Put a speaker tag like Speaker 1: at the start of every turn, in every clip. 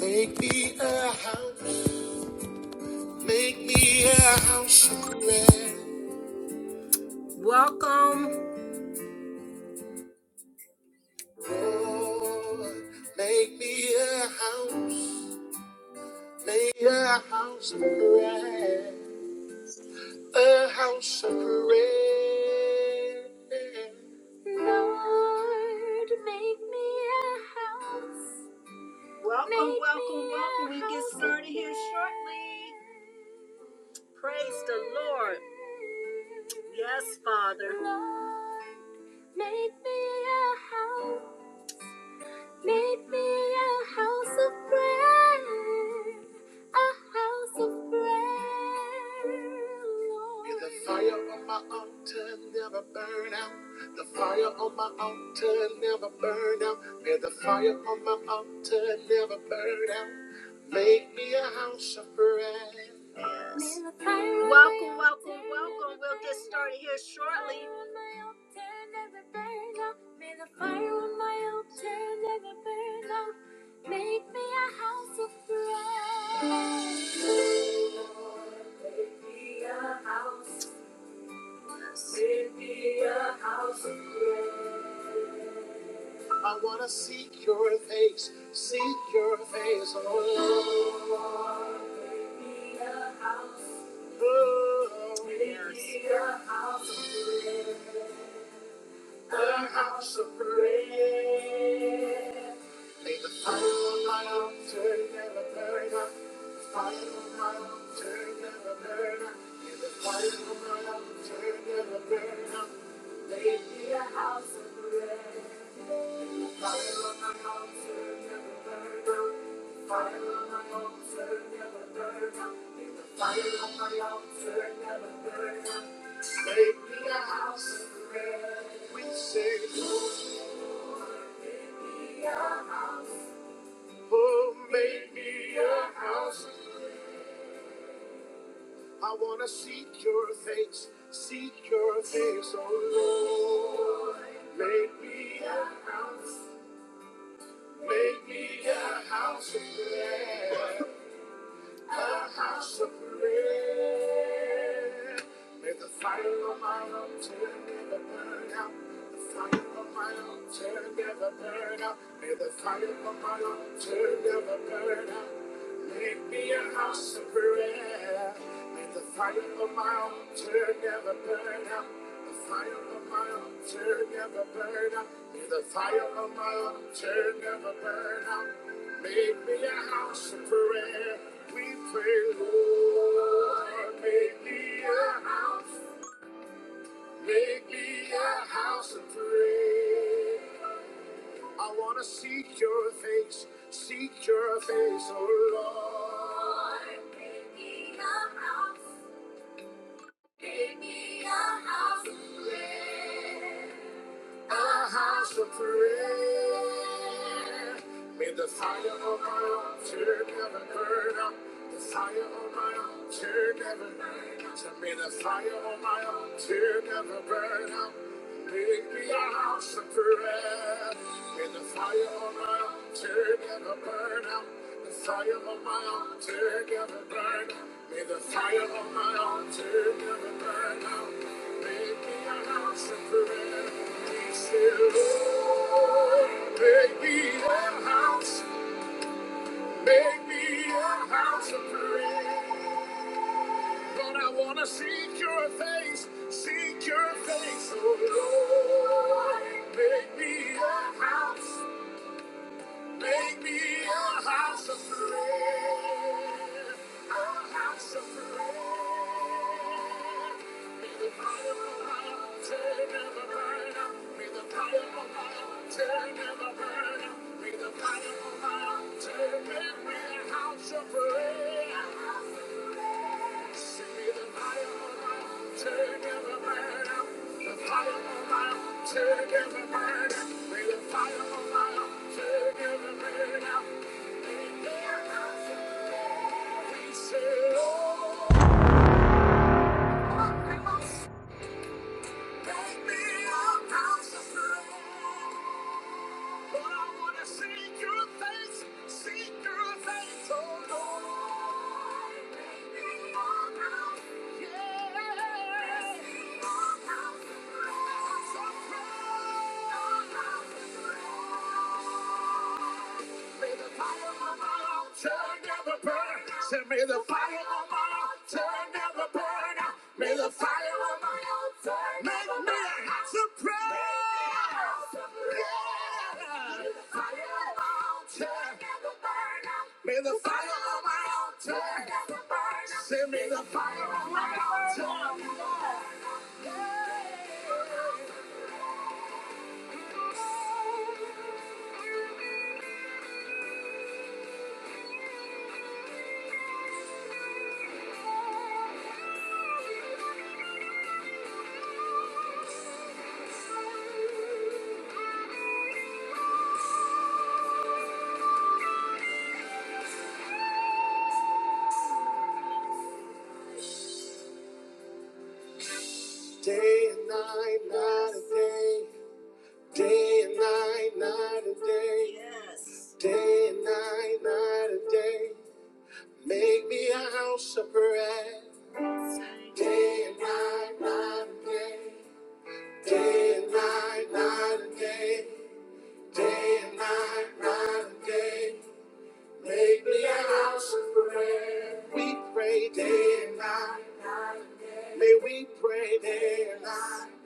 Speaker 1: Make me a house. Make me a house of prayer. Welcome. Lord, make me a house. Make me a house of prayer. A house of prayer. Lord, make me a house. Welcome, Make welcome, welcome. We get house started here shortly. Praise the Lord. Yes, Father. Lord, Make me a house. Make me a house of prayer. A house of prayer. Lord. May the fire on my altar never burn out. The fire on my altar never burn out. May the fire on my altar never burn out. Make me a house of prayer. Yes. Welcome, welcome, welcome. We'll get started here shortly. May the fire on my altar never burn out. Make me a house of prayer. I want to seek your face, seek your face, oh Lord. Oh, Make me yes. a house of prayer. May the fire on my altar never burn out. The fire on my altar never burn out. May the fire on my altar never burn out. Give me a house of bread. The fire on my altar never burn out. The fire on my altar never burn out. May the fire on my altar never burn out. Make me a house of bread. We say, Oh, make me a house. I wanna seek your face, seek your face, oh Lord. Make me, a- make me a house of prayer. a house of prayer. May the fire of my altar never burn out. The fire of my altar never burn out. May the fire of my altar never burn out. Make me a house of prayer. May the fire of my altar never burn out. The fire of my altar never burn out. May the fire of my altar never burn out. Make me a house of prayer. We pray, Lord, make me a house. Make me a house of prayer. I want to seek your face. Seek your face, oh Lord. Make me a house. A house of prayer. A house of prayer. May the fire of my altar never burn out. The fire of my altar never burn out. So May the fire of my altar never burn out. Make me a house of prayer. May the fire of my altar never burn out. The fire of my altar never burn out. May the fire of my altar never burn out. Make me a house of prayer. Be still. Make me a house, make me a house of prayer. Lord, I wanna seek your face, seek your face, oh Lord. Make me a house. Make me a house of prayer. A house of prayer. May the fire of my altar never burn out. May the fire of my altar never burn out. May the fire of my altar make me a house of prayer. Take me out, house of prayer. Send the fire on my altar, never burn out. May the fire on my altar never burn out. May the fire on my altar never burn out. may the fire on my altar. Day and night, night and day. Day and night, night and day. Yes. Day and night, night and day. Make me a house of prayer. Day and night, day and night, night and day. Day and night, night and day. Make me a house. We pray day and night. May we pray day and night.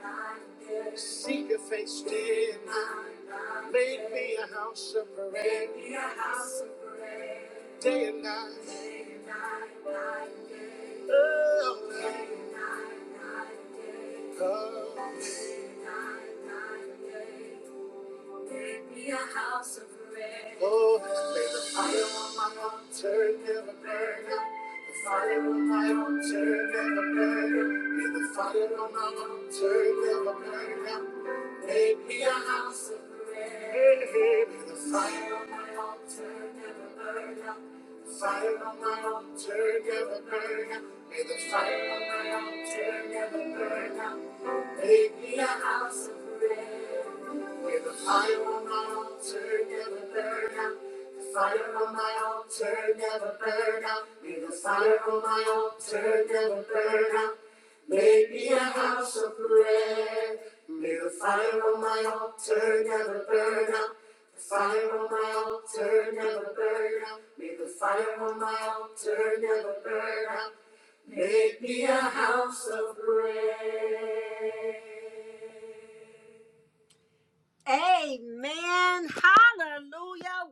Speaker 1: Seek your face day and night. Make me a house of prayer. Day and night. Oh, come. Be a house. Oh, may the fire on my altar never burn out. The fire on my altar never burn out. May the fire on my altar never burn out. Make me a house of prayer. May the fire on my altar never burn out. The altar never burn out. May the fire on my altar never burn out. Make me a house of prayer. With the fire on my altar, never burn out. The fire on my altar, never burn out. May the fire on my altar, never burn out. Make me a house of prayer. May the fire on my altar never burn out. Never burn out. Amen. Hallelujah.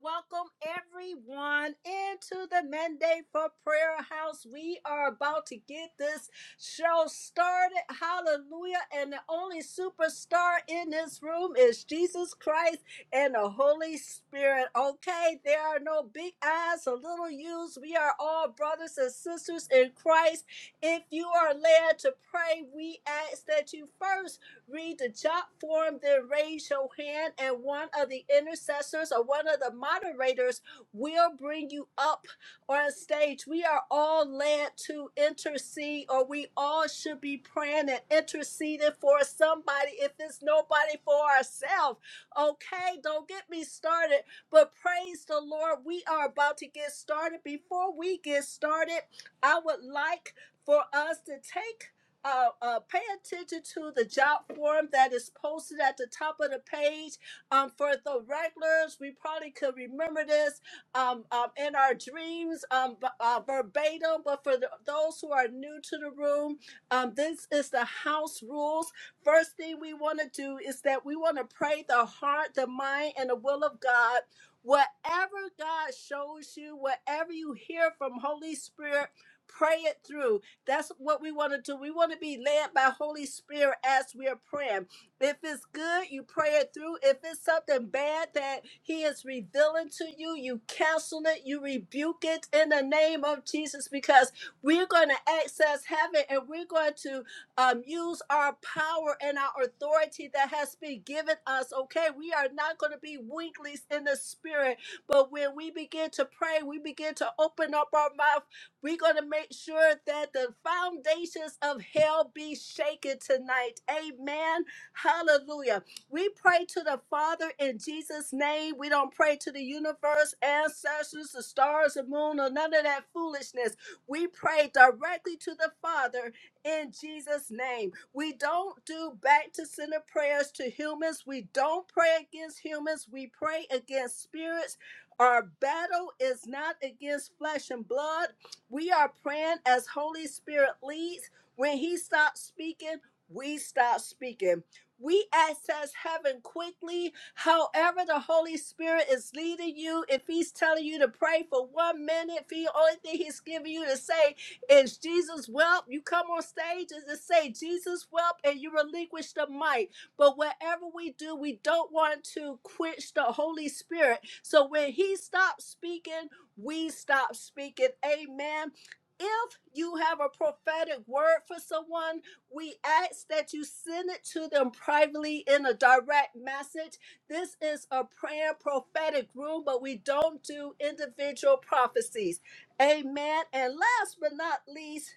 Speaker 1: Welcome everyone into the mandate for prayer house. We are about to get this show started. Hallelujah. And the only superstar in this room is Jesus Christ and the Holy Spirit. Okay, there are no big eyes or little U's. We are all brothers and sisters in Christ. If you are led to pray, we ask that you first read the jot form, then raise your hand, and one of the intercessors or one of the moderators will bring you up on stage. We are all led to intercede, or we all should be praying and interceding for somebody if it's nobody for ourselves. Okay, don't get me started, but praise the Lord. We are about to get started. Before we get started, I would like for us to take uh, uh, pay attention to the job form that is posted at the top of the page. Um, for the regulars, we probably could remember this um, um, in our dreams um, b- uh, verbatim, but for the, those who are new to the room, um, this is the house rules. First thing we want to do is that we want to pray the heart, the mind, and the will of God. Whatever God shows you, whatever you hear from Holy Spirit, pray it through that's what we want to do. We want to be led by Holy Spirit as we are praying. If it's good, you pray it through. If it's something bad that He is revealing to you, you cancel it, you rebuke it in the name of Jesus because we're going to access heaven and we're going to um, use our power and our authority that has been given us. Okay, we are not going to be weaklings in the spirit, but when we begin to pray, we begin to open up our mouth. We're going to make sure that the foundations of hell be shaken tonight. Amen. Hallelujah. We pray to the Father in Jesus' name. We don't pray to the universe, ancestors, the stars, the moon, or none of that foolishness. We pray directly to the Father in Jesus' name. We don't do back to center prayers to humans. We don't pray against humans. We pray against spirits. Our battle is not against flesh and blood. We are praying as Holy Spirit leads. When He stops speaking, we stop speaking. We access heaven quickly. However, the Holy Spirit is leading you. If He's telling you to pray for one minute, if the only thing He's giving you to say is Jesus, well, you come on stage and just say Jesus, well, and you relinquish the mic. But whatever we do, we don't want to quench the Holy Spirit. So when He stops speaking, we stop speaking. Amen. If you have a prophetic word for someone, we ask that you send it to them privately in a direct message. This is a prayer prophetic room, but we don't do individual prophecies. Amen. And last but not least,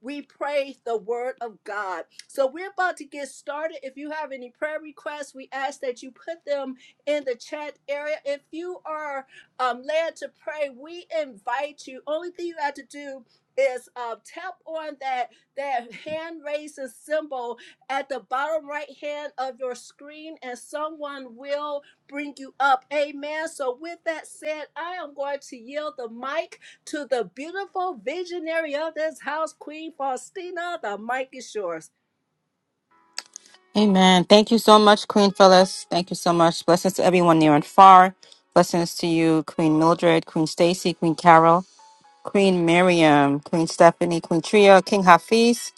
Speaker 1: we pray the word of God. So we're about to get started. If you have any prayer requests, we ask that you put them in the chat area. If you are um, led to pray, we invite you. Only thing you have to do is uh, tap on that that hand raising symbol at the bottom right hand of your screen, and someone will bring you up. Amen. So with that said, I am going to yield the mic to the beautiful visionary of this house, Queen Faustina. The mic is yours.
Speaker 2: Amen. Thank you so much, Queen Phyllis. Thank you so much. Blessings to everyone near and far. Blessings to you, Queen Mildred, Queen Stacy, Queen Carol, Queen Miriam, Queen Stephanie, Queen Tria, King Hafiz.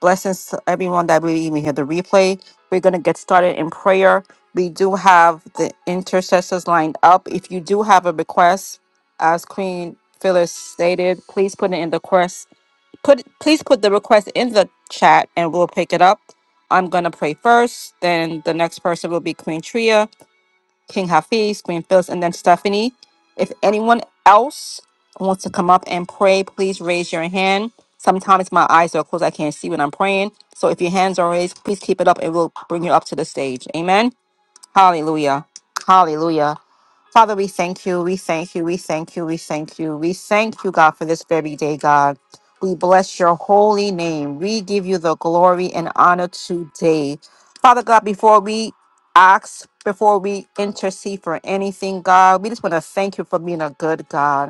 Speaker 2: Blessings to everyone that we even hear the replay. We're going to get started in prayer. We do have the intercessors lined up. If you do have a request, as Queen Phyllis stated, please put it in the request put please put the request in the chat and we'll pick it up. I'm gonna pray first, then the next person will be Queen Tria, King Hafiz, Queen Phyllis, and then Stephanie. If anyone else wants to come up and pray, please raise your hand. Sometimes my eyes are closed, I can't see when I'm praying. So if your hands are raised, please keep it up and we'll bring you up to the stage. Amen. Hallelujah. Hallelujah. Father, we thank you. We thank you. We thank you. We thank you. We thank you, God, for this very day, God. We bless your holy name. We give you the glory and honor today. Father God, before we ask, before we intercede for anything, God, we just want to thank you for being a good God.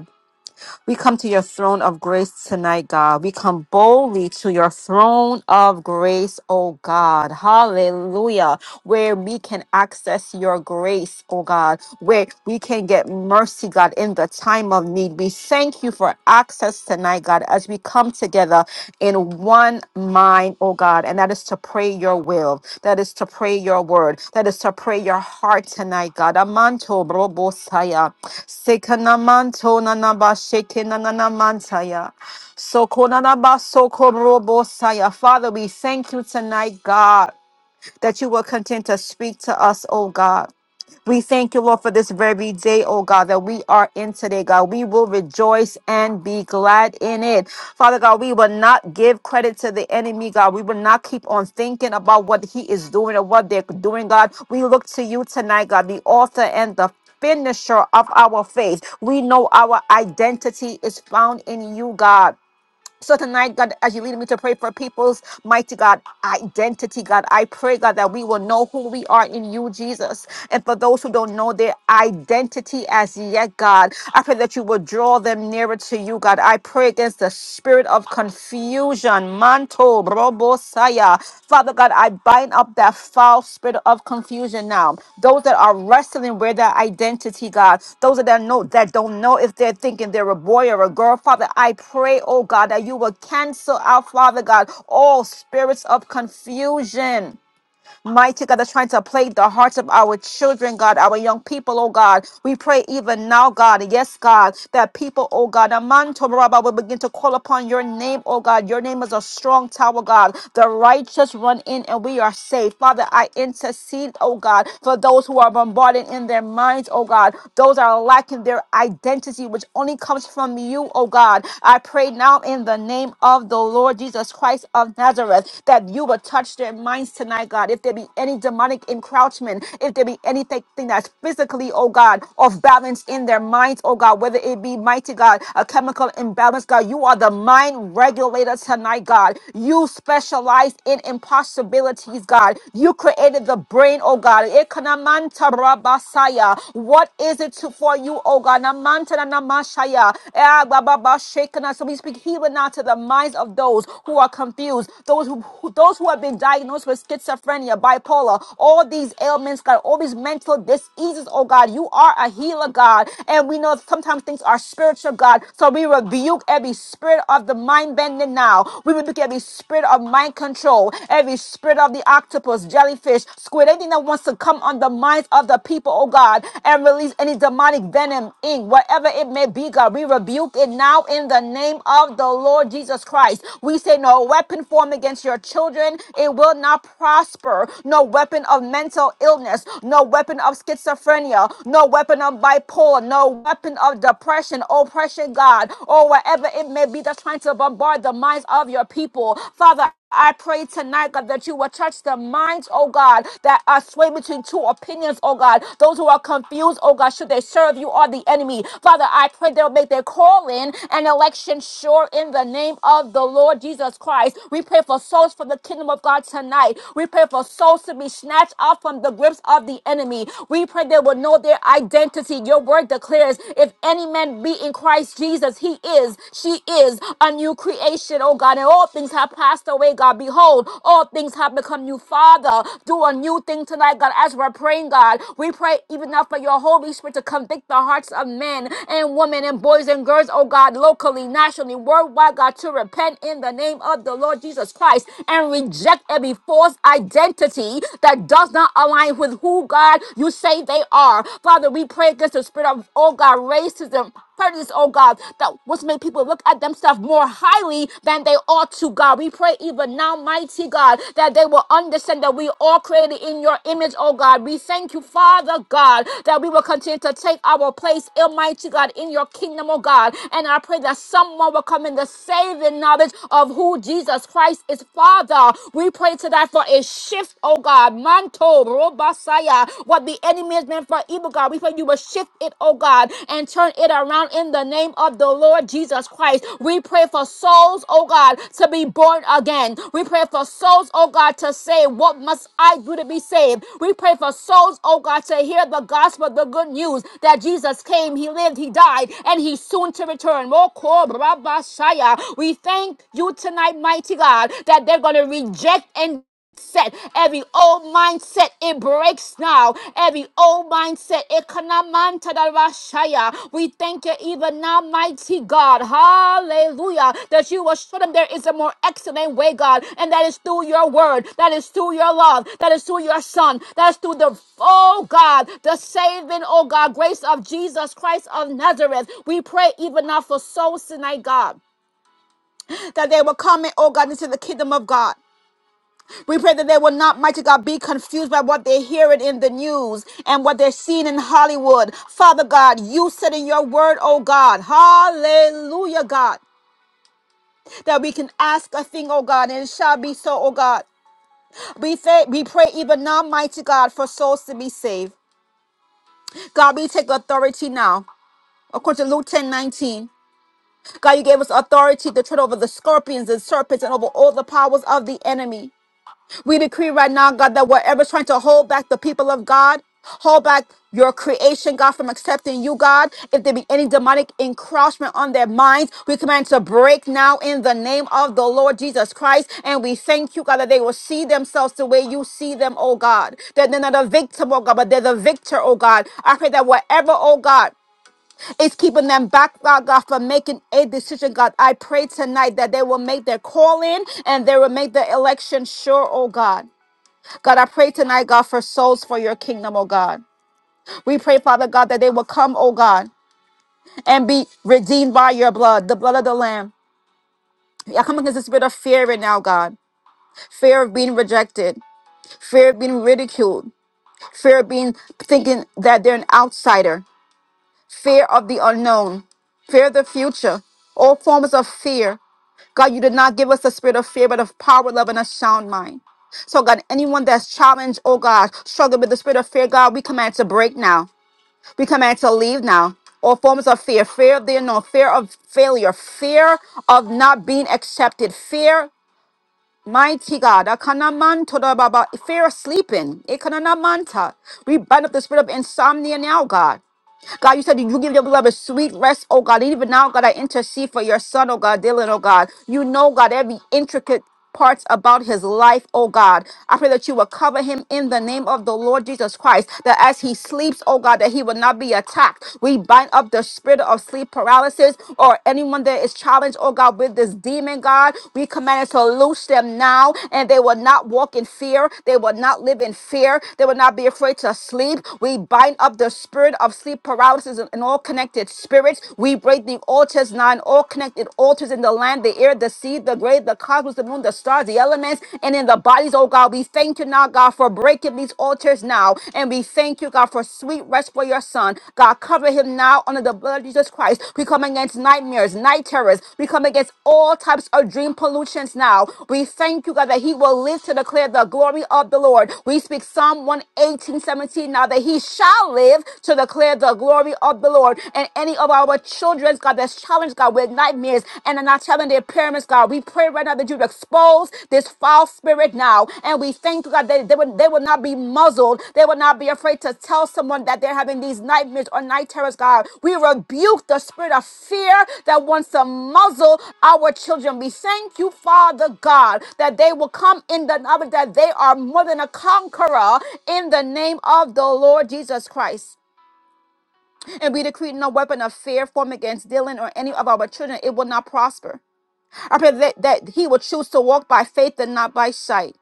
Speaker 2: We come to your throne of grace tonight, God. We come boldly to your throne of grace, oh God. Hallelujah. Where we can access your grace, oh God. Where we can get mercy, God, in the time of need. We thank you for access tonight, God, as we come together in one mind, oh God. And that is to pray your will. That is to pray your word. That is to pray your heart tonight, God. Amanto brobo saya. Sekanamanto nanaba shekenanamantaya. Sokonanaba sokorobo saya. Father, we thank you tonight, God, that you will continue to speak to us, oh God. We thank you, Lord, for this very day, oh God, that we are in today, God. We will rejoice and be glad in it. Father God, we will not give credit to the enemy, God. We will not keep on thinking about what he is doing or what they're doing, God. We look to you tonight, God, the author and the finisher of our faith. We know our identity is found in you, God. So tonight, God, as you lead me to pray for people's mighty God identity, God, I pray, God, that we will know who we are in you, Jesus. And for those who don't know their identity as yet, God, I pray that you will draw them nearer to you, God. I pray against the spirit of confusion. Manto, Robosaya. Father God, I bind up that foul spirit of confusion now. Those that are wrestling with their identity, God, those that know that don't know if they're thinking they're a boy or a girl, Father, I pray, oh God, that you will cancel out, Father God, all spirits of confusion. Mighty God, that's trying to plague the hearts of our children, God, our young people, oh God. We pray even now, God, yes, God, that people, oh God, Amanto Rabba will begin to call upon your name, oh God. Your name is a strong tower, God. The righteous run in and we are safe. Father, I intercede, oh God, for those who are bombarded in their minds, oh God. Those are lacking their identity, which only comes from you, oh God. I pray now in the name of the Lord Jesus Christ of Nazareth that you would touch their minds tonight tonight, God. If there be any demonic encroachment, if there be anything that's physically, oh God, off balance in their minds, oh God, whether it be mighty God, a chemical imbalance, God, you are the mind regulator tonight, God. You specialize in impossibilities, God. You created the brain, oh God. Ekanamanta rabasaya. What is it to, for you, oh God? Namanta na namashaya. Eh, ba, ba, ba, shekana. So we speak healing now to the minds of those who are confused, those who who- those who have been diagnosed with schizophrenia, bipolar, all these ailments, God, all these mental diseases, oh God. You are a healer, God. And we know sometimes things are spiritual, God. So we rebuke every spirit of the mind bending now. We rebuke every spirit of mind control, every spirit of the octopus, jellyfish, squid, anything that wants to come on the minds of the people, oh God, and release any demonic venom, ink, whatever it may be, God. We rebuke it now in the name of the Lord Jesus Christ. We say no weapon formed against your children children, it will not prosper. No weapon of mental illness, no weapon of schizophrenia, no weapon of bipolar, no weapon of depression, oppression, God, or whatever it may be that's trying to bombard the minds of your people. Father, I pray tonight, God, that you will touch the minds, oh God, that are swayed between two opinions, oh God. Those who are confused, oh God, should they serve you or the enemy. Father, I pray they'll make their call in and election sure in the name of the Lord Jesus Christ. We pray pray for souls for the kingdom of God tonight. We pray for souls to be snatched off from the grips of the enemy. We pray they will know their identity. Your word declares, if any man be in Christ Jesus, he is, she is a new creation, oh God. And all things have passed away, God. Behold, all things have become new. Father, do a new thing tonight, God, as we're praying, God. We pray even now for your Holy Spirit to convict the hearts of men and women and boys and girls, oh God, locally, nationally, worldwide, God, to repent in the name of the of the Lord Jesus Christ and reject every false identity that does not align with who God you say they are. Father, we pray against the spirit of, oh God, racism, prejudice, oh God, that what's made people look at themselves more highly than they ought to, God. We pray even now, mighty God, that they will understand that we all created in your image, oh God. We thank you, Father God, that we will continue to take our place, Almighty God, in your kingdom, oh God. And I pray that someone will come in the saving knowledge of who Jesus Christ is, Father. We pray tonight for a shift, oh God. Manto, Robasaya, what the enemy has meant for evil, God. We pray you will shift it, oh God, and turn it around in the name of the Lord Jesus Christ. We pray for souls, oh God, to be born again. We pray for souls, oh God, to say, What must I do to be saved? We pray for souls, oh God, to hear the gospel, the good news that Jesus came, He lived, He died, and He's soon to return. Moko, Rabasaya. We we thank you tonight, mighty God, that they're going to reject and set every old mindset, it breaks now. Every old mindset, it kanamanta da rashaya. we thank you even now, mighty God. Hallelujah. That you will show them there is a more excellent way, God, and that is through your word, that is through your love, that is through your son, that is through the, oh God, the saving, oh God, grace of Jesus Christ of Nazareth. We pray even now for souls tonight, God that they will come in, oh God, into the kingdom of God. We pray that they will not, mighty God, be confused by what they're hearing in the news and what they're seeing in Hollywood. Father God, you said in your word, oh God, hallelujah, God, that we can ask a thing, oh God, and it shall be so, oh God. We, say, we pray even now, mighty God, for souls to be saved. God, we take authority now. According to Luke 10:19. God, you gave us authority to tread over the scorpions and serpents and over all the powers of the enemy. We decree right now, God, that whatever's trying to hold back the people of God, hold back your creation, God, from accepting you, God. If there be any demonic encroachment on their minds, we command to break now in the name of the Lord Jesus Christ. And we thank you, God, that they will see themselves the way you see them, oh God. That they're not a victim, oh God, but they're the victor, oh God. I pray that whatever, oh God, is keeping them back, God, God, from making a decision, God. I pray tonight that they will make their call in and they will make their election sure, oh God. God, I pray tonight, God, for souls for your kingdom, oh God. We pray, Father God, that they will come, oh God, and be redeemed by your blood, the blood of the Lamb. I come against the spirit of fear right now, God. Fear of being rejected, fear of being ridiculed, fear of being thinking that they're an outsider, fear of the unknown, fear of the future, all forms of fear. God, you did not give us the spirit of fear, but of power, love, and a sound mind. So, God, anyone that's challenged, oh God, struggling with the spirit of fear, God, we command it to break now. We command to leave now. All forms of fear, fear of the unknown, fear of failure, fear of not being accepted, fear, mighty God, akanaman todababa, fear of sleeping. ekananamanta. We bind up the spirit of insomnia now, God. God, you said that you give your beloved sweet rest, oh God. And even now, God, I intercede for your son, oh God, Dylan, oh God. You know, God, every intricate parts about his life, oh God. I pray that you will cover him in the name of the Lord Jesus Christ, that as he sleeps, oh God, that he will not be attacked. We bind up the spirit of sleep paralysis or anyone that is challenged, oh God, with this demon, God. We command it to loose them now, and they will not walk in fear. They will not live in fear. They will not be afraid to sleep. We bind up the spirit of sleep sleep paralysis, and all connected spirits. We break the altars now, and all connected altars in the land, the air, the sea, the grave, the cosmos, the moon, the stars, the elements, and in the bodies, oh God. We thank you now, God, for breaking these altars now. And we thank you, God, for sweet rest for your son. God, cover him now under the blood of Jesus Christ. We come against nightmares, night terrors. We come against all types of dream pollutions now. We thank you, God, that he will live to declare the glory of the Lord. We speak Psalm one eighteen seventeen. now that he shall live to declare declare the glory of the Lord. And any of our children's God that's challenged, God, with nightmares and are not telling their parents, God, we pray right now that you expose this foul spirit now. And we thank you, God, that they will, they will not be muzzled. They will not be afraid to tell someone that they're having these nightmares or night terrors, God. We rebuke the spirit of fear that wants to muzzle our children. We thank you, Father God, that they will come in the knowledge that they are more than a conqueror in the name of the Lord Jesus Christ. And we decree no weapon of fear formed against Dylan or any of our children. It will not prosper. I pray that, that he will choose to walk by faith and not by sight.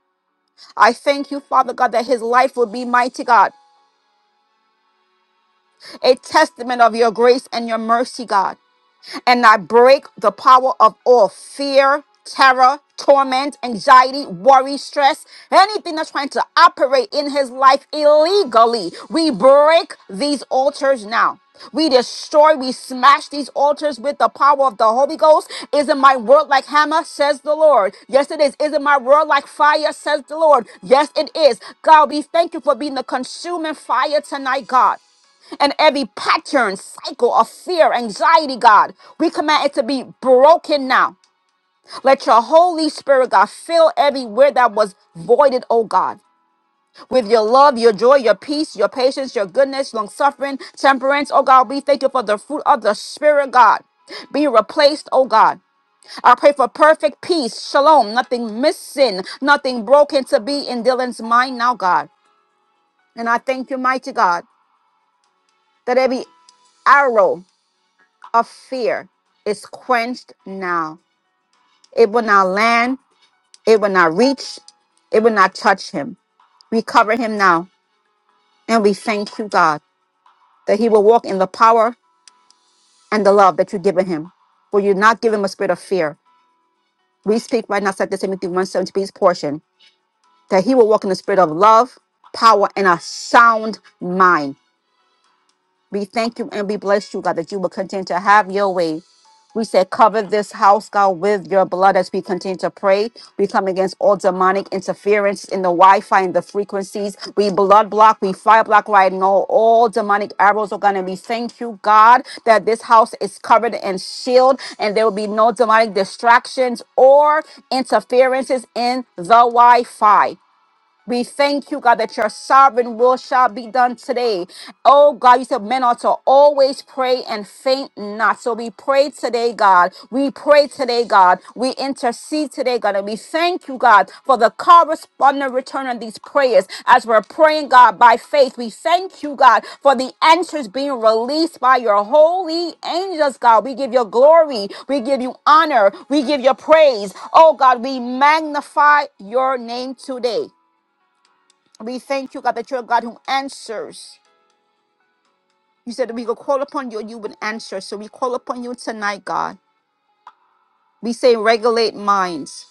Speaker 2: I thank you, Father God, that his life will be mighty, God, a testament of your grace and your mercy, God. and I break the power of all fear, terror, torment, anxiety, worry, stress, anything that's trying to operate in his life illegally. We break these altars now. We destroy, we smash these altars with the power of the Holy Ghost. Isn't my word like hammer? Says the Lord. Yes, it is. Isn't my word like fire? Says the Lord. Yes, it is. God, we thank you for being the consuming fire tonight, God and every pattern, cycle of fear, anxiety, God. We command it to be broken now. Let your Holy Spirit, God, fill everywhere that was voided, oh God. With your love, your joy, your peace, your patience, your goodness, long suffering, temperance, oh God, we thank you for the fruit of the Spirit, God. Be replaced, oh God. I pray for perfect peace, shalom, nothing missing, nothing broken to be in Dylan's mind now, God. And I thank you, mighty God, that every arrow of fear is quenched now. It will not land, it will not reach, it will not touch him. We cover him now, and we thank you, God, that he will walk in the power and the love that you've given him. For you not give him a spirit of fear. We speak right now, 2 Timothy 1 seventeen, portion, that he will walk in the spirit of love, power, and a sound mind. We thank you and we bless you, God, that you will continue to have your way. We say, cover this house, God, with your blood as we continue to pray. We come against all demonic interference in the Wi Fi and the frequencies. We blood block, we fire block right now. All demonic arrows are going to be. Thank you, God, that this house is covered and shielded, and there will be no demonic distractions or interferences in the Wi Fi. We thank you, God, that your sovereign will shall be done today. Oh, God, you said men ought to always pray and faint not. So we pray today, God. We pray today, God. We intercede today, God. And we thank you, God, for the corresponding return of these prayers as we're praying, God, by faith. We thank you, God, for the answers being released by your holy angels, God. We give you glory. We give you honor. We give you praise. Oh, God, we magnify your name today. We thank you, God, that you're a God who answers. You said that we could call upon you and you would answer. So we call upon you tonight, God. We say regulate minds.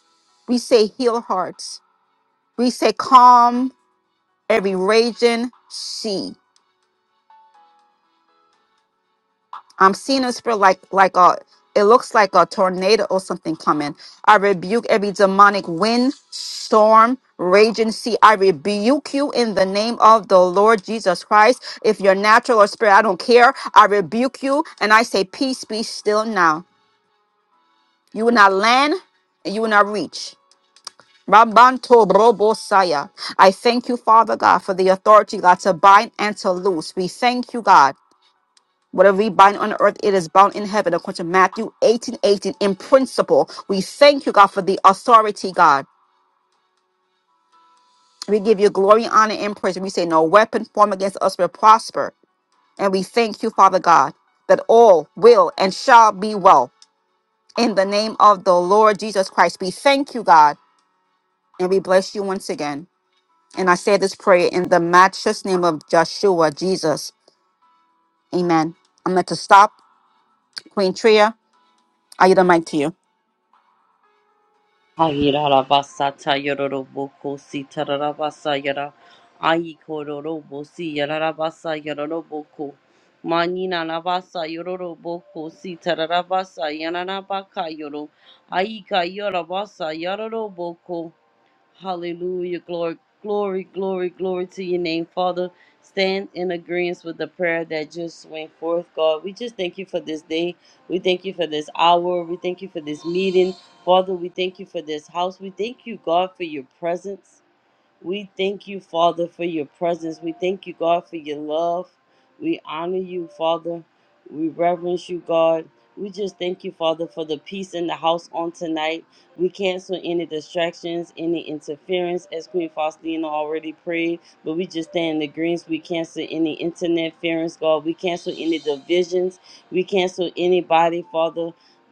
Speaker 2: We say heal hearts. We say calm every raging sea. I'm seeing a spirit like like a it looks like a tornado or something coming. I rebuke every demonic wind, storm, raging sea. I rebuke you in the name of the Lord Jesus Christ. If you're natural or spirit, I don't care. I rebuke you and I say, Peace be still now. You will not land and you will not reach. Rambanto brobosaya. I thank you, Father God, for the authority, God, to bind and to loose. We thank you, God. Whatever we bind on earth, it is bound in heaven, according to Matthew 18, 18, In principle, we thank you, God, for the authority, God. We give you glory, honor, and praise. We say, No weapon formed against us will prosper. And we thank you, Father God, that all will and shall be well. In the name of the Lord Jesus Christ, we thank you, God, and we bless you once again. And I say this prayer in the matchless name of Joshua, Jesus. Amen. I'm going to stop. Queen Tria, I yield the mic to you.
Speaker 3: Hayarabasata Yoroboko Sitarabasa Yara Aikororobo Si Yarabasa Yoroboko Manina Nabasa Yoroboko Sitarabasa Yanabaka Yoro Aika Yorabasa Yoroboko Hallelujah. Glory, glory, glory, glory to your name, Father. Stand in agreement with the prayer that just went forth, God. We just thank you for this day. We thank you for this hour. We thank you for this meeting. Father, we thank you for this house. We thank you, God, for your presence. We thank you, Father, for your presence. We thank you, God, for your love. We honor you, Father. We reverence you, God. We just thank you, Father, for the peace in the house on tonight. We cancel any distractions, any interference, as Queen Faustina already prayed. But we just stand in the greens. We cancel any internet interference, God. We cancel any divisions. We cancel anybody, Father,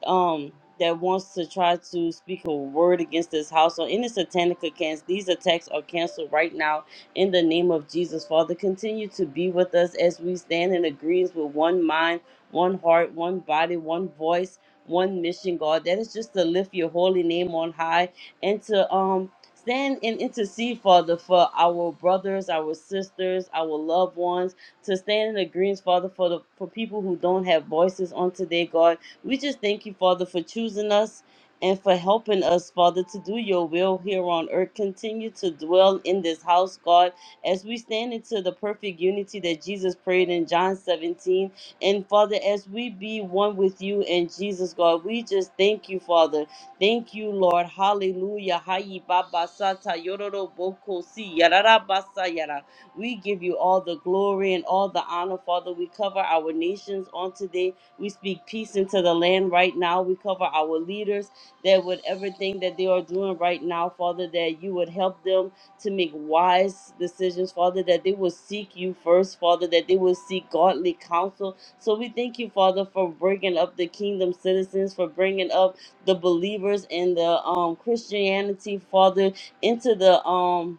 Speaker 3: um that wants to try to speak a word against this house or any satanic accounts, these attacks are canceled right now in the name of Jesus. Father, continue to be with us as we stand in agreement with one mind, one heart, one body, one voice, one mission, God. That is just to lift your holy name on high and to um stand and intercede, Father, for our brothers, our sisters, our loved ones, to stand in agreement, Father, for the for people who don't have voices on today, God we just thank you, Father, for choosing us and for helping us, Father, to do your will here on earth. Continue to dwell in this house, God, as we stand into the perfect unity that Jesus prayed in John 17. And Father, as we be one with you and Jesus, God, we just thank you, Father. Thank you, Lord. Hallelujah. Hayi baba sata yororo boko si yarara basa yara. We give you all the glory and all the honor, Father. We cover our nations on today we speak peace into the land right now. We cover our leaders that with everything that they are doing right now, Father, that you would help them to make wise decisions, Father, that they will seek you first, Father, that they will seek godly counsel. So we thank you, Father, for bringing up the kingdom citizens, for bringing up the believers and the um, Christianity, Father, into the um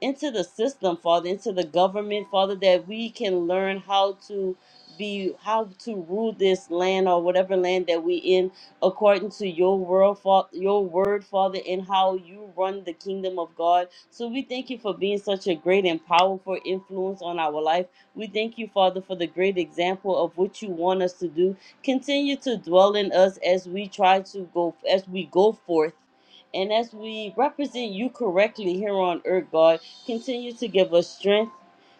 Speaker 3: into the system, Father, into the government, Father, that we can learn how to be how to rule this land or whatever land that we in according to your world fa- your word father and how you run the kingdom of god so we thank you for being such a great and powerful influence on our life we thank you father for the great example of what you want us to do continue to dwell in us as we try to go as we go forth and as we represent you correctly here on earth, God, Continue to give us strength.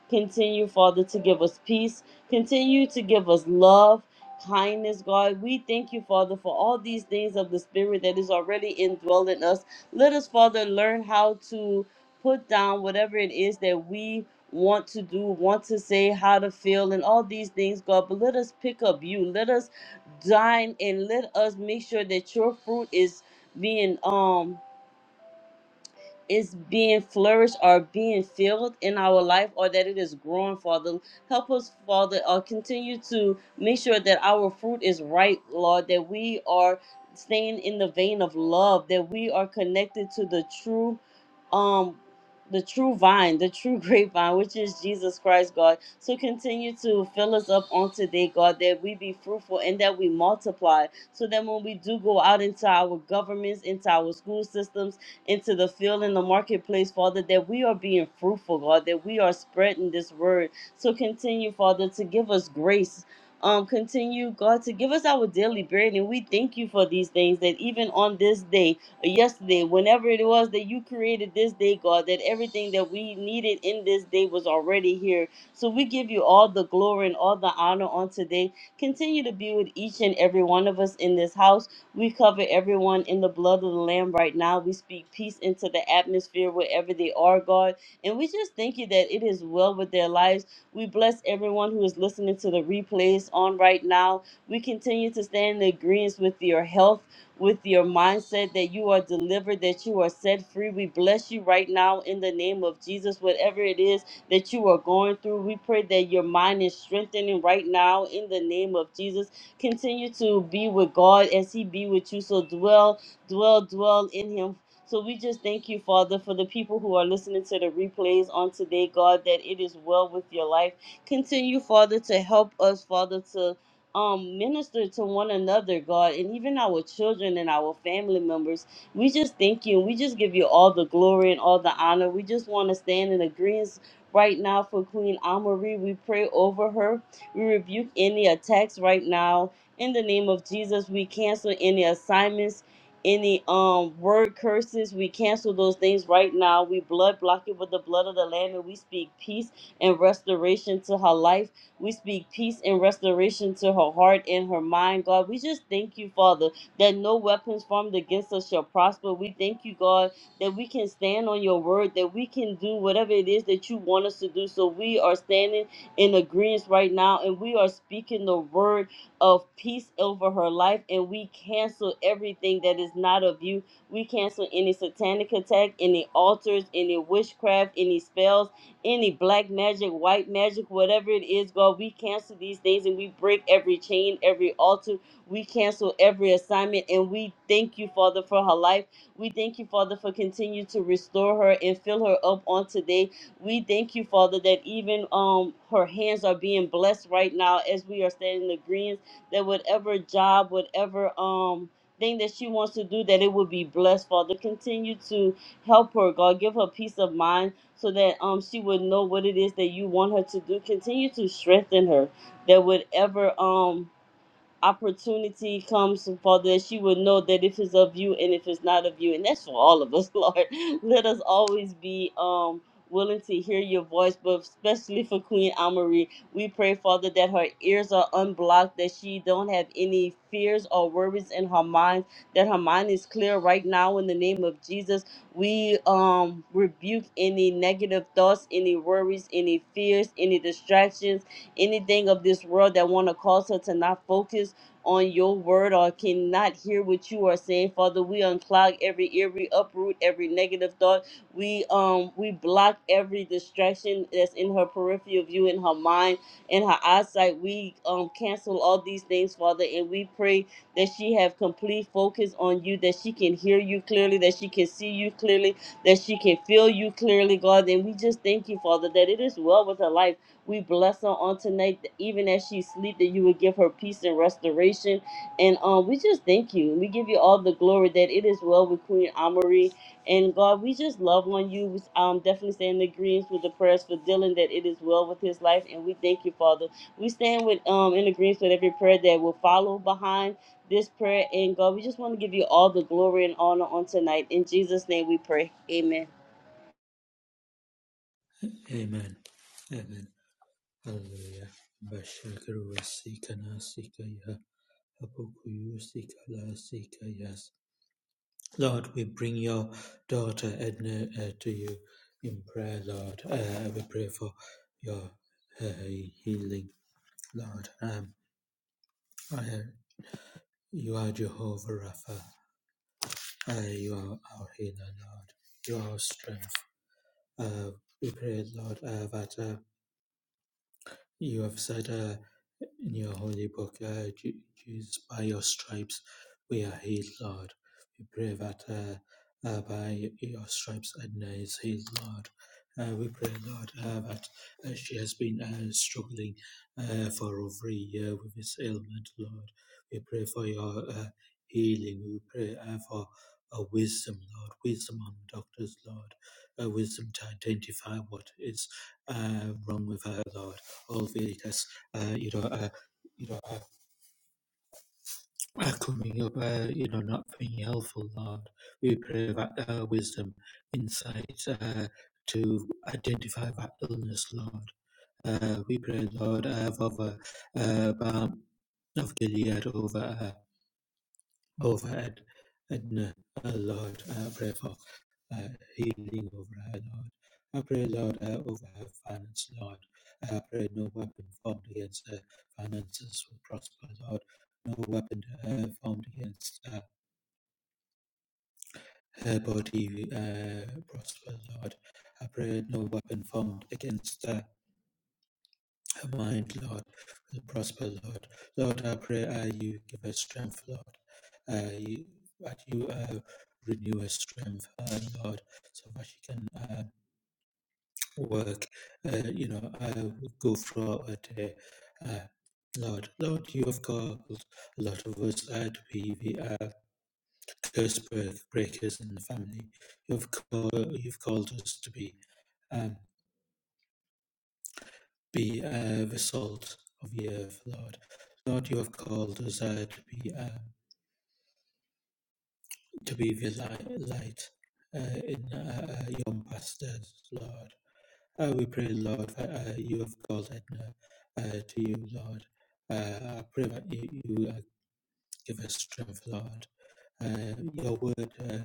Speaker 3: Continue, Father, to give us peace. Continue to give us love, kindness, God. We thank you, Father, for all these things of the Spirit that is already indwelling us. Let us, Father, learn how to put down whatever it is that we want to do, want to say, how to feel, and all these things, God. But let us pick up you. Let us dine and let us make sure that your fruit is being um is being flourished or being filled in our life or that it is growing, Father. Help us, Father, uh, continue to make sure that our fruit is right, Lord, that we are staying in the vein of love, that we are connected to the true um the true vine, the true grapevine, which is Jesus Christ, God. So continue to fill us up on today, God, that we be fruitful and that we multiply. So that when we do go out into our governments, into our school systems, into the field and the marketplace, Father, that we are being fruitful, God, that we are spreading this word. So continue, Father, to give us grace. Um, continue, God, to give us our daily bread. And we thank you for these things that even on this day, or yesterday, whenever it was that you created this day, God, that everything that we needed in this day was already here. So we give you all the glory and all the honor on today. Continue to be with each and every one of us in this house. We cover everyone in the blood of the Lamb right now. We speak peace into the atmosphere wherever they are, God. And we just thank you that it is well with their lives. We bless everyone who is listening to the replays on right now. We continue to stand in agreement with your health, with your mindset, that you are delivered, that you are set free. We bless you right now in the name of Jesus. Whatever it is that you are going through, we pray that your mind is strengthening right now in the name of Jesus Continue to be with God as He be with you. So dwell, dwell, dwell in Him. So we just thank you, Father, for the people who are listening to the replays on today, God, that it is well with your life. Continue, Father, to help us, Father, to um minister to one another, God, and even our children and our family members. We just thank you. We just give you all the glory and all the honor. We just want to stand in agreement right now for Queen Amarie. We pray over her. We rebuke any attacks right now in the name of Jesus, we cancel any assignments, any um word curses. We cancel those things right now. We blood block it with the blood of the Lamb, and we speak peace and restoration to her life. We speak peace and restoration to her heart and her mind, God. We just thank you, Father, that no weapons formed against us shall prosper. We thank you, God, that we can stand on your word, that we can do whatever it is that you want us to do. So we are standing in agreement right now, and we are speaking the word of peace over her life and we cancel everything that is not of you. We cancel any satanic attack, any altars, any witchcraft, any spells, any black magic, white magic, whatever it is, God, we cancel these things and we break every chain, every altar. We cancel every assignment and we thank you, Father, for her life. We thank you, Father, for continue to restore her and fill her up on today. We thank you, Father, that even um her hands are being blessed right now as we are standing in agreement that whatever job, whatever um thing that she wants to do, that it would be blessed, Father. Continue to help her, God. Give her peace of mind so that um she would know what it is that you want her to do. Continue to strengthen her. That whatever um opportunity comes from Father, that she would know that if it's of you and if it's not of you, and that's for all of us, Lord. Let us always be um willing to hear your voice, but especially for Queen Amarie, we pray, Father, that her ears are unblocked, that she don't have any fears or worries in her mind, that her mind is clear right now in the name of Jesus. We um rebuke any negative thoughts, any worries, any fears, any distractions, anything of this world that want to cause her to not focus on your word or cannot hear what you are saying, Father, we unclog every ear, we uproot every negative thought. We um we block every distraction that's in her peripheral view, in her mind, in her eyesight. We um cancel all these things, Father, and we pray that she have complete focus on you, that she can hear you clearly, that she can see you clearly, that she can feel you clearly, God. And we just thank you, Father, that it is well with her life we bless her on tonight, that even as she sleep, that you would give her peace and restoration. And um, we just thank you. We give you all the glory that it is well with Queen Amory. And God, we just love on you. We um, definitely stand in agreement with the prayers for Dylan that it is well with his life. And we thank you, Father. We stand with um in agreement with every prayer that will follow behind this prayer. And God, we just want to give you all the glory and honor on tonight. In Jesus' name we pray. Amen.
Speaker 4: Amen. Amen. Hallelujah. Bashakaru sikana sikaya. Hapokuyu sikala sikayas. Lord, we bring your daughter Edna uh, to you in prayer, Lord. Uh, we pray for your uh, healing, Lord. Um, I- uh, you are Jehovah Rapha. Uh, you are our healer, Lord. You are our strength. Uh, we pray, Lord, uh, that uh, you have said. uh, In your holy book, uh, Je- Jesus, by your stripes we are healed, Lord. We pray that uh, uh, by your stripes Edna is healed, Lord. Uh, we pray, Lord, uh, that uh, she has been uh, struggling uh, for over a year with this ailment, Lord. We pray for your uh, healing. We pray uh, for uh, wisdom, Lord, wisdom on doctors, Lord, uh, wisdom to identify what is uh, wrong with her, Lord. All the tests uh, you know, uh, you know, uh, uh, coming up, uh, you know, not being helpful, Lord. We pray that uh, wisdom, insight uh, to identify that illness, Lord. Uh, we pray, Lord, uh, for the uh, balm of Gilead over uh, over at, at uh, Lord. I pray for uh, healing over her, Lord. I pray, Lord, uh, over her finance, Lord. I pray no weapon formed against her finances will prosper, Lord. No weapon uh, formed against uh, her body uh, prosper, Lord. I pray no weapon formed against her the mind, Lord, will prosper, Lord. Lord, I pray uh, you give us strength, Lord. Uh, you, that you uh, renew her strength, uh, Lord, so that she can uh, work, uh, you know, uh, go throughout her day. Uh, Lord, Lord, you have called a lot of us uh, to be the uh, curse break- breakers in the family. You've called, you've called us to be. Um, Be uh, the salt of the earth, Lord. Lord, you have called us uh, to be uh, to be the li- light uh, in uh, uh, pastors, Lord. Uh, we pray, Lord, that uh, you have called Edna uh, to you, Lord. Uh, I pray that you, you uh, give us strength, Lord. Uh, your word. Uh,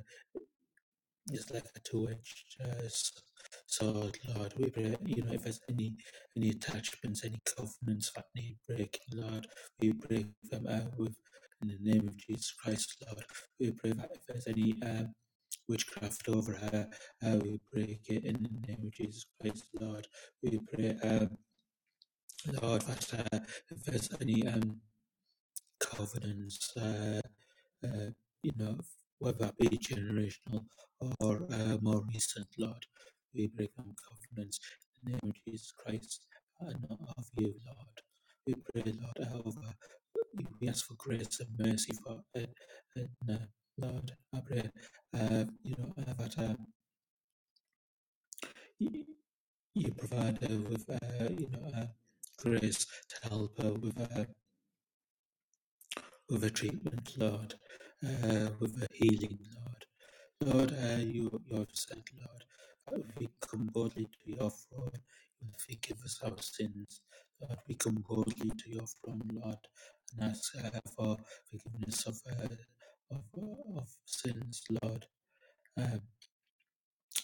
Speaker 4: It's like a two-edged uh, sword, Lord. We pray, you know, if there's any any attachments, any covenants that need breaking, Lord, we break them out with in the name of Jesus Christ, Lord. We pray that if there's any um, witchcraft over her, uh, we break it in the name of Jesus Christ, Lord. We pray, um, Lord, that uh, if there's any um, covenants. Uh, uh, you know, whether it be generational or uh, more recent, Lord. We break down confidence in the name of Jesus Christ and of you, Lord. We pray, Lord, over. We ask for grace and mercy for uh, and, uh, Lord, I pray, uh, you know, uh, that uh, y- you provide her with, uh, you know, uh, grace to help her with, uh, with a treatment, Lord, uh, with a healing, Lord. Lord, are you your said, Lord? We come boldly to your throne. You will forgive us our sins. Lord, we come boldly to your throne, Lord, and ask uh, for forgiveness of, uh, of, uh, of sins, Lord. Uh,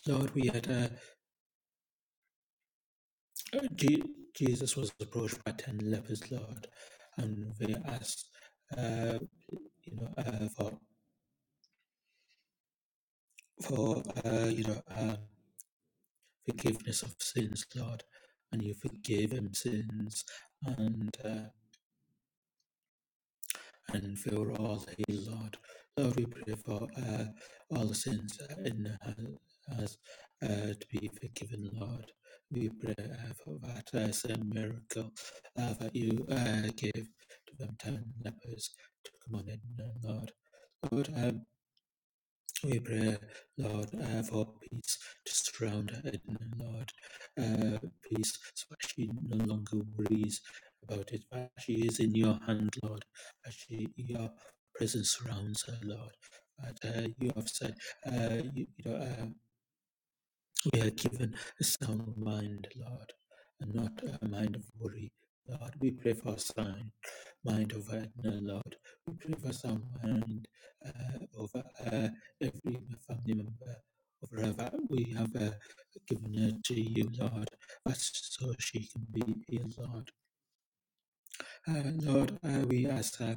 Speaker 4: Lord, we had uh, Je- Jesus was approached by ten lepers, Lord, and they asked, uh, you know, uh, for for uh, you know, uh, forgiveness of sins, Lord, and you forgive him sins and uh, and for all his Lord. Lord, we pray for uh, all the sins in uh, us uh, uh, to be forgiven, Lord. We pray uh, for that uh, same miracle uh, that you uh, gave to them ten lepers to come on in, uh, Lord. Lord, uh, We pray, Lord, uh, for peace to surround her, and Lord, uh, peace so that she no longer worries about it. But she is in your hand, Lord, as she, your presence surrounds her, Lord. But uh, you have said, uh, you, you know, uh, we are given a sound mind, Lord, and not a mind of worry. Lord, we pray for a sound mind over Edna, Lord. We pray for a sound mind uh, over uh, every family member. Over that we have uh, given her to you, Lord, that's so she can be healed, Lord. Uh, Lord, uh, we ask, uh,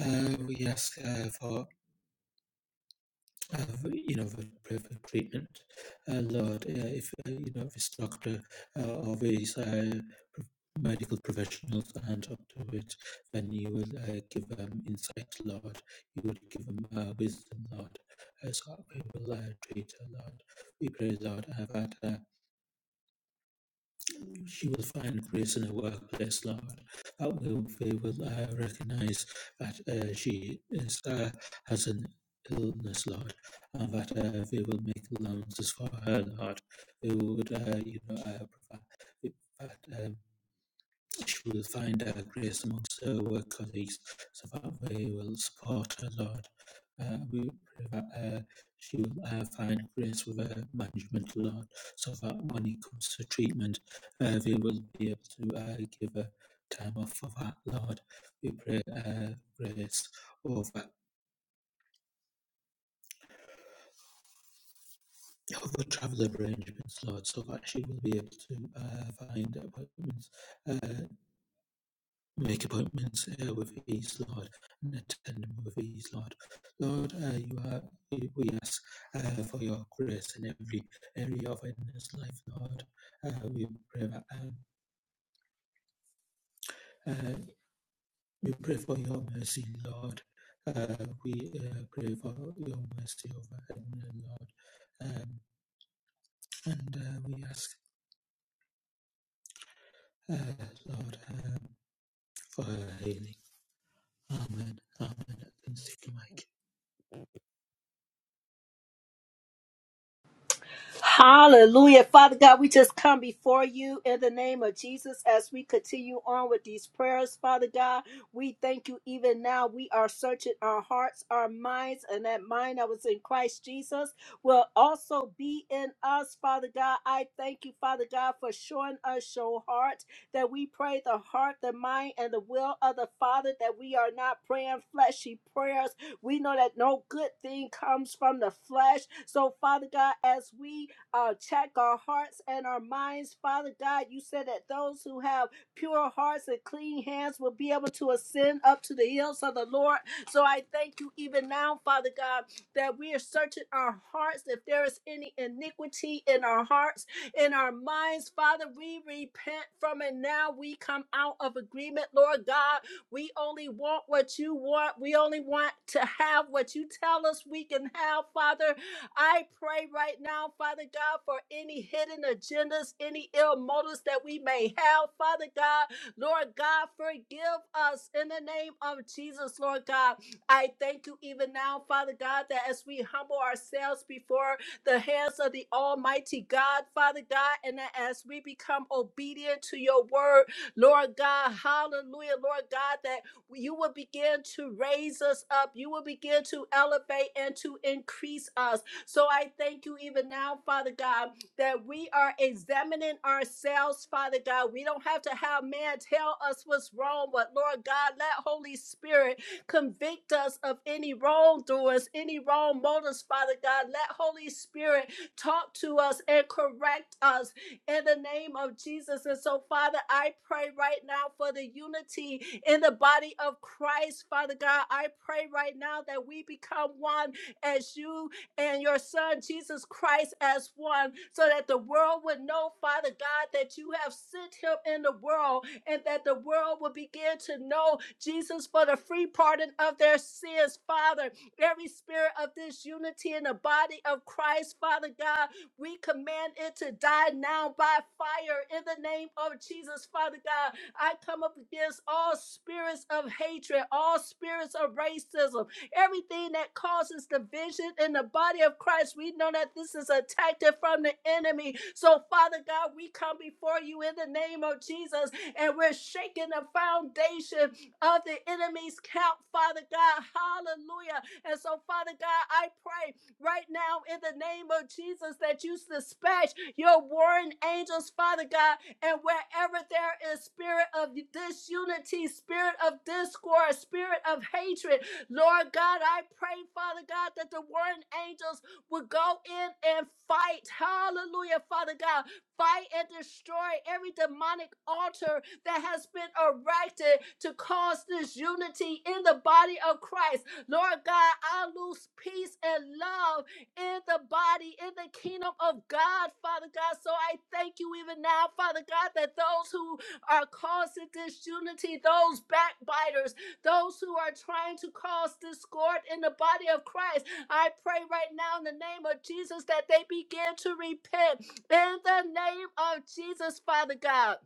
Speaker 4: uh, we ask uh, for uh, you know, with preferred treatment. Uh, Lord, uh, if uh, you know, if it's doctor uh, or these uh, pro- medical professionals and up to it, then you will uh, give them insight, Lord. You will give them uh, wisdom, Lord. Uh, so we will uh, treat, uh, Lord. We pray, Lord, uh, that. Uh, she will find grace in her workplace, Lord. That will, we will uh, recognize that uh, she is, uh, has an illness, Lord, and that uh, we will make allowances for her, Lord. We would, uh, you know, uh, provide. that. uh, she will find uh, grace amongst her work colleagues so that they will support her, Lord. Uh, we pray that uh, she will uh, find grace with her management, Lord, so that when it comes to treatment, uh, they will be able to uh, give her time off for that, Lord. We pray uh, grace over, over travel arrangements, Lord, so that she will be able to uh, find appointments uh, Make appointments uh, with ease, Lord, and attend them with ease, Lord. Lord, uh, you are, we ask uh, for your grace in every area of Edna's life, Lord. Uh, we pray that, um, uh, we pray for your mercy, Lord. Uh, we uh, pray for your mercy over Edna, Lord. Um, and uh, we ask, uh, Lord, um, for her healing. Amen. Amen. Thanks, Mike.
Speaker 1: Hallelujah. Father God, we just come before you in the name of Jesus as we continue on with these prayers. Father God, we thank you even now. We are searching our hearts, our minds, and that mind that was in Christ Jesus will also be in us. Father God, I thank you, Father God, for showing us your heart that we pray the heart, the mind, and the will of the Father, that we are not praying fleshy prayers. We know that no good thing comes from the flesh. So, Father God, as we uh, check our hearts and our minds. Father God, you said that those who have pure hearts and clean hands will be able to ascend up to the hills of the Lord. So I thank you even now, Father God, that we are searching our hearts. If there is any iniquity in our hearts, in our minds, Father, we repent from it now. We come out of agreement, Lord God. We only want what you want. We only want to have what you tell us we can have, Father. I pray right now, Father God, for any hidden agendas, any ill motives that we may have, Father God. Lord God, forgive us in the name of Jesus, Lord God. I thank you even now, Father God, that as we humble ourselves before the hands of the Almighty God, Father God, and that as we become obedient to your word, Lord God, hallelujah, Lord God, that you will begin to raise us up, you will begin to elevate and to increase us. So I thank you even now, Father God, that we are examining ourselves, Father God. We don't have to have man tell us what's wrong, but Lord God, let Holy Spirit convict us of any wrongdoers, any wrong motives, Father God. Let Holy Spirit talk to us and correct us in the name of Jesus. And so, Father, I pray right now for the unity in the body of Christ, Father God. I pray right now that we become one as you and your Son, Jesus Christ, as one, so that the world would know, Father God, that you have sent him in the world and that the world will begin to know Jesus for the free pardon of their sins, Father. Every spirit of disunity in the body of Christ, Father God, we command it to die now by fire in the name of Jesus, Father God. I come up against all spirits of hatred, all spirits of racism, Everything that causes division in the body of Christ, we know that this is a tactic from the enemy. So, Father God, we come before you in the name of Jesus and we're shaking the foundation of the enemy's camp, Father God. Hallelujah. And so, Father God, I pray right now in the name of Jesus that you dispatch your warring angels, Father God, and wherever there is spirit of disunity, spirit of discord, spirit of hatred, Lord God, I pray, Father God, that the warring angels will go in and fight. Hallelujah, Father God. Fight and destroy every demonic altar that has been erected to cause disunity in the body of Christ. Lord God, I lose peace and love in the body, in the kingdom of God, Father God. So I thank you even now, Father God, that those who are causing disunity, those backbiters, those who are trying to cause discord in the body of Christ. I pray right now in the name of Jesus that they begin to repent in the name of Jesus, Father God.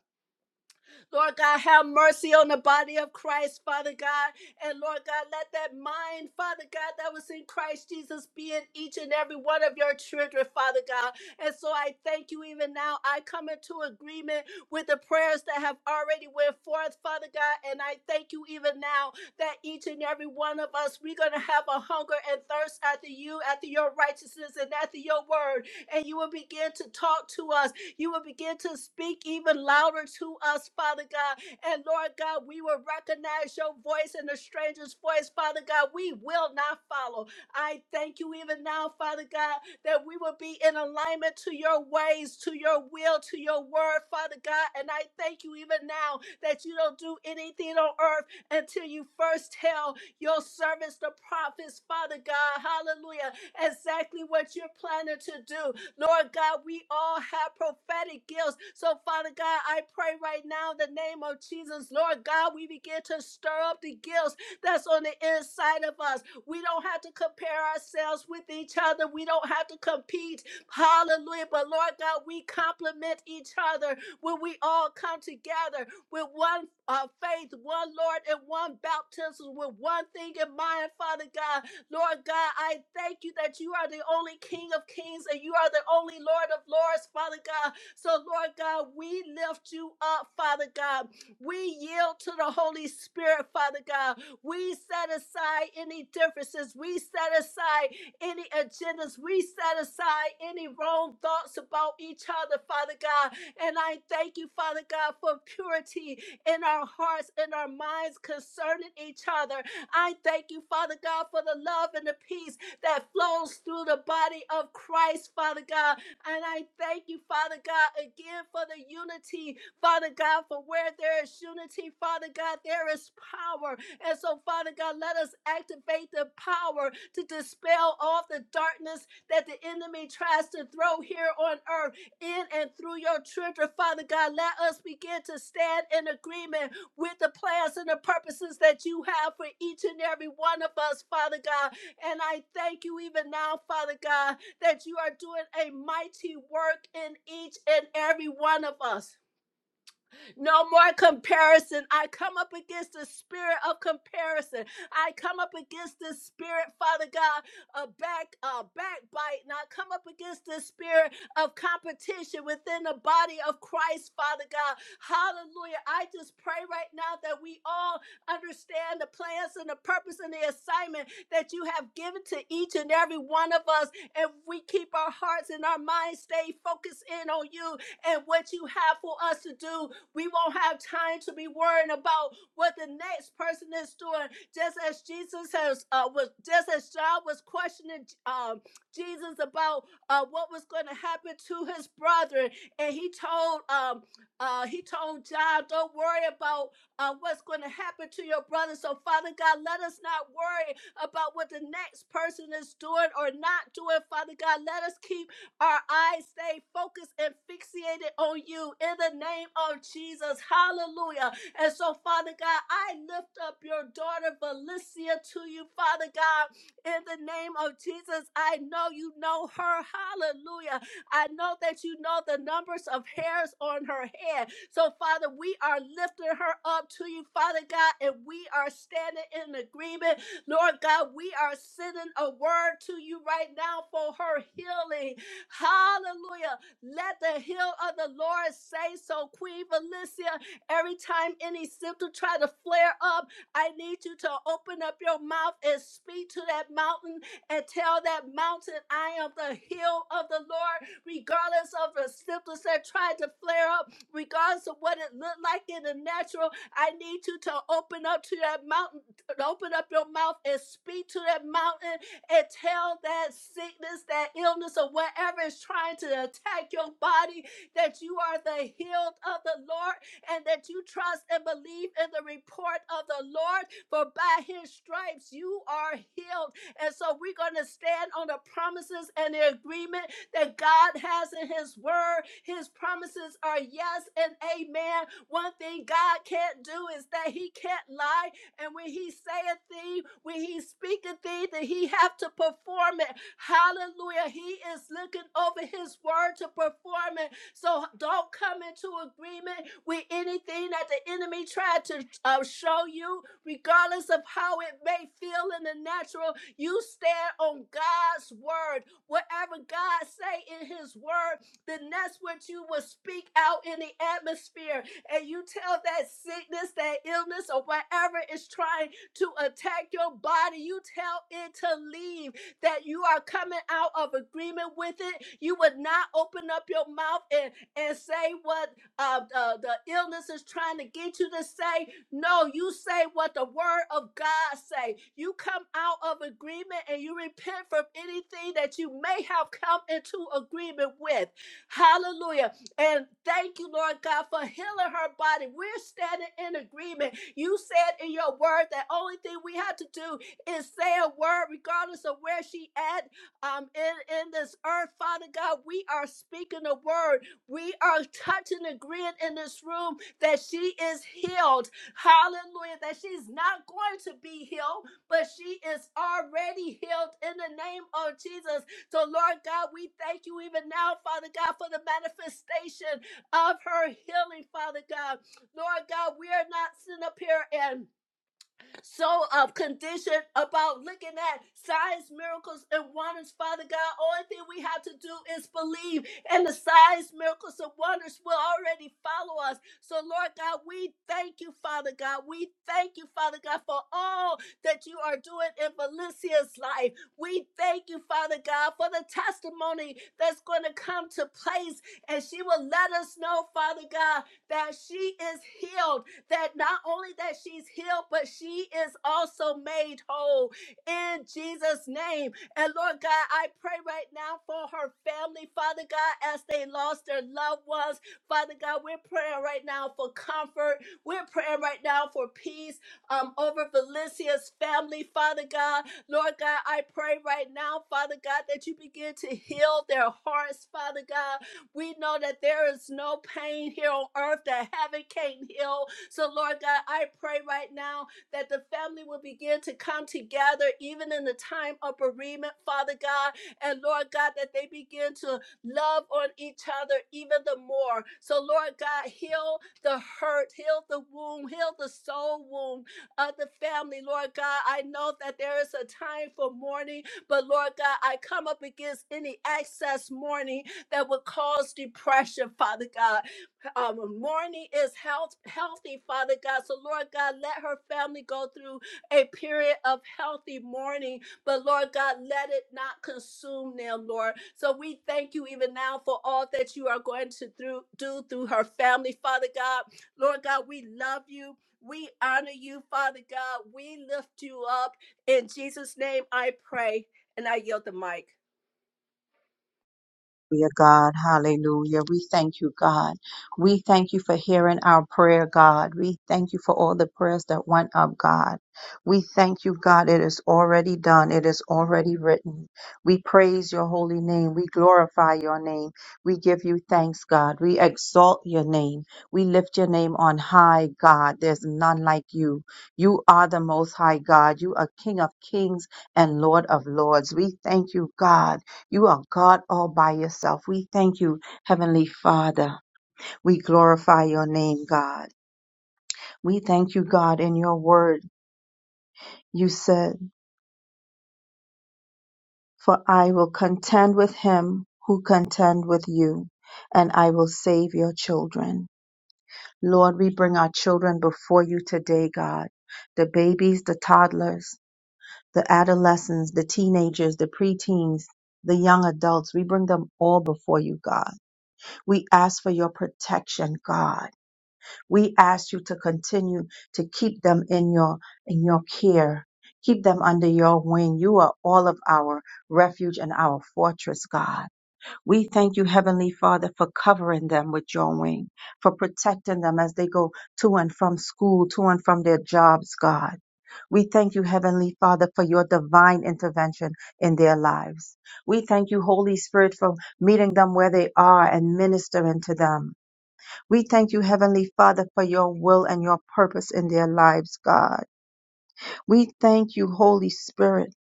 Speaker 1: Lord God, have mercy on the body of Christ, Father God. And Lord God, let that mind, Father God, that was in Christ Jesus be in each and every one of your children, Father God. And so I thank you even now. I come into agreement with the prayers that have already went forth, Father God. And I thank you even now that each and every one of us, we're going to have a hunger and thirst after you, after your righteousness, and after your word. And you will begin to talk to us you will begin to speak even louder to us, Father God. And Lord God, we will recognize your voice and the stranger's voice, Father God. We will not follow. I thank you even now, Father God, that we will be in alignment to your ways, to your will, to your word, Father God. And I thank you even now that you don't do anything on earth until you first tell your servants, the prophets, Father God, hallelujah, exactly what you're planning to do. Lord God, we all have prophetic gifts. So, Father God, I pray right now in the name of Jesus, Lord God, we begin to stir up the gifts that's on the inside of us. We don't have to compare ourselves with each other. We don't have to compete. Hallelujah. But Lord God, we complement each other when we all come together with one uh, faith, one Lord, and one baptism, with one thing in mind, Father God. Lord God, I thank you that you are the only King of kings and you are the only Lord of lords, Father God. So, Lord God, we lift you up, Father God. We yield to the Holy Spirit, Father God. We set aside any differences. We set aside any agendas. We set aside any wrong thoughts about each other, Father God. And I thank you, Father God, for purity in our hearts and our minds concerning each other. I thank you, Father God, for the love and the peace that flows through the body of Christ, Father God. And I thank you, Father God, again for the unity, Father God, for where there is unity, Father God, there is power. And so, Father God, let us activate the power to dispel all the darkness that the enemy tries to throw here on earth in and through your children, Father God. Let us begin to stand in agreement with the plans and the purposes that you have for each and every one of us, Father God. And I thank you even now, Father God, that you are doing a mighty work in each and every one of us. No more comparison. I come up against the spirit of comparison. I come up against this spirit, Father God, of back uh, backbite. And I come up against this spirit of competition within the body of Christ, Father God. Hallelujah. I just pray right now that we all understand the plans and the purpose and the assignment that you have given to each and every one of us. And we keep our hearts and our minds stay focused in on you and what you have for us to do we won't have time to be worrying about what the next person is doing. Just as Jesus has uh, was, just as John was questioning um, Jesus about uh, what was going to happen to his brother, and he told um, uh, he told John, "Don't worry about uh, what's going to happen to your brother." So, Father God, let us not worry about what the next person is doing or not doing. Father God, let us keep our eyes stay focused and fixated on you in the name of Jesus. Hallelujah. And so, Father God, I lift up your daughter Valencia to you, Father God, in the name of Jesus. I know you know her. Hallelujah. I know that you know the numbers of hairs on her head. So, Father, we are lifting her up to you, Father God, and we are standing in agreement. Lord God, we are sending a word to you right now for her healing Hallelujah. Let the hill of the Lord say so, Queen Valencia. Every time any symptom try to flare up, I need you to open up your mouth and speak to that mountain and tell that mountain, I am the hill of the Lord, regardless of the symptoms that tried to flare up, regardless of what it looked like in the natural. I need you to open up to that mountain, open up your mouth and speak to that mountain and tell that sickness, that illness, or whatever is trying to attack your body that you are the healed of the Lord and that you trust and believe in the report of the Lord, for by his stripes you are healed. And so we're going to stand on the promises and the agreement that God has in his word. His promises are yes and amen. One thing God can't do is that he can't lie. And when he saith thee, when he speaketh thee, that he have to perform it. Hallelujah. He is looking over his word to perform it. So don't come into agreement with anything that the enemy tried to uh, show you, regardless of how it may feel in the natural. You stand on God's word. Whatever God say in his word, then that's what you will speak out in the atmosphere and you tell that sickness, that illness, or whatever is trying to attack your body, you tell it to leave, that you are coming out of agreement with it. You would not open up your mouth and, and say what uh, the, the illness is trying to get you to say. No, you say what the word of God say. You come out of agreement and you repent from anything that you may have come into agreement with. Hallelujah. And thank you, Lord God, for healing her body. We're standing in agreement. You said in your word that only thing we have to do is say a word, regardless of where she at um, in, in this earth. Father God, we are speaking a word. We are touching and agreeing in this room that she is healed. Hallelujah. That she's not going to be healed, but she is already healed in the name of Jesus. So, Lord God, we thank you even now, Father God, for the manifestation of her healing, Father God. Lord God, we are not sitting up here and so of condition about looking at signs, miracles, and wonders, Father God. All thing we have to do is believe, and the signs, miracles, and wonders will already follow us. So, Lord God, we thank you, Father God. We thank you, Father God, for all that you are doing in Valencia's life. We thank you, Father God, for the testimony that's going to come to place, and she will let us know, Father God, that she is healed that not only that she's healed, but she is also made whole in Jesus' name. And Lord God, I pray right now for her family, Father God, as they lost their loved ones. Father God, we're praying right now for comfort. We're praying right now for peace um, over Felicia's family, Father God. Lord God, I pray right now, Father God, that you begin to heal their hearts, Father God. We know that there is no pain here on earth that heaven can't heal. So, Lord God, I pray right now that the family will begin to come together, even in the time of bereavement, Father God. And Lord God, that they begin to love on each other even the more. So, Lord God, heal the hurt, heal the wound, heal the soul wound of the family, Lord God. I know that there is a time for mourning, but Lord God, I come up against any excess mourning that would cause depression, Father God um, morning is health, healthy, Father God. So, Lord God, let her family go through a period of healthy mourning, but Lord God, let it not consume them, Lord. So, we thank you even now for all that you are going to through, do through her family, Father God. Lord God, we love you. We honor you, Father God. We lift you up. In Jesus' name, I pray. And I yield the mic.
Speaker 5: Hallelujah, God. Hallelujah. We thank you, God. We thank you for hearing our prayer, God. We thank you for all the prayers that went up, God. We thank you, God. It is already done. It is already written. We praise your holy name. We glorify your name. We give you thanks, God. We exalt your name. We lift your name on high, God. There's none like you. You are the most high God. You are King of kings and Lord of lords. We thank you, God. You are God all by yourself. We thank you, Heavenly Father. We glorify your name, God. We thank you, God, in your word. You said, For I will contend with him who contend with you, and I will save your children. Lord, we bring our children before you today, God. The babies, the toddlers, the adolescents, the teenagers, the preteens, the young adults, we bring them all before you, God. We ask for your protection, God We ask you to continue to keep them in your in your care. Keep them under your wing. You are all of our refuge and our fortress, God. We thank you, Heavenly Father, for covering them with your wing, for protecting them as they go to and from school, to and from their jobs, God. We thank you, Heavenly Father, for your divine intervention in their lives. We thank you, Holy Spirit, for meeting them where they are and ministering to them. We thank you, Heavenly Father, for your will and your purpose in their lives, God. We thank you, Holy Spirit,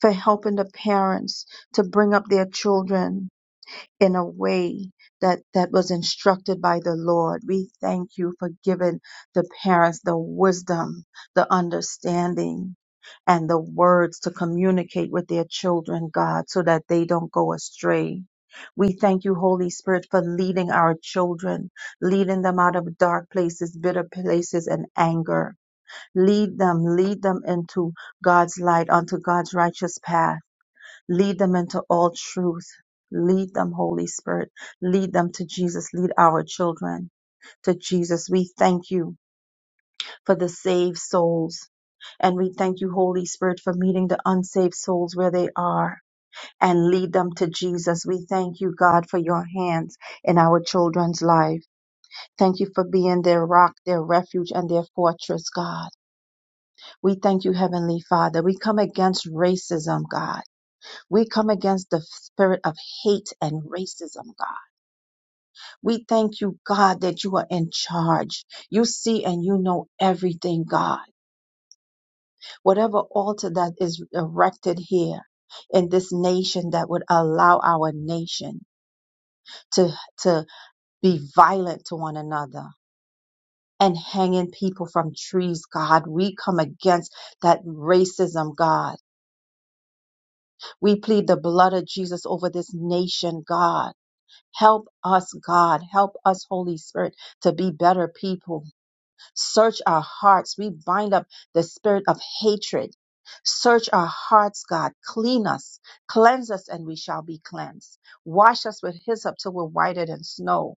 Speaker 5: for helping the parents to bring up their children in a way that that was instructed by the Lord. We thank you for giving the parents the wisdom, the understanding, and the words to communicate with their children, God, so that they don't go astray. We thank you, Holy Spirit, for leading our children, leading them out of dark places, bitter places, and anger. Lead them, lead them into God's light, onto God's righteous path Lead them into all truth. Lead them, Holy Spirit. Lead them to Jesus. Lead our children to Jesus. We thank you for the saved souls. And we thank you, Holy Spirit, for meeting the unsaved souls where they are and lead them to Jesus. We thank you, God, for your hands in our children's life. Thank you for being their rock, their refuge, and their fortress, God. We thank you, Heavenly Father. We come against racism, God. We come against the spirit of hate and racism, God. We thank you, God, that you are in charge. You see and you know everything, God. Whatever altar that is erected here in this nation that would allow our nation to, to be violent to one another and hanging people from trees, God. We come against that racism, God. We plead the blood of Jesus over this nation, God Help us, God. Help us, Holy Spirit, to be better people. Search our hearts. We bind up the spirit of hatred. Search our hearts, God. Clean us. Cleanse us, and we shall be cleansed. Wash us with hyssop till we're whiter than snow.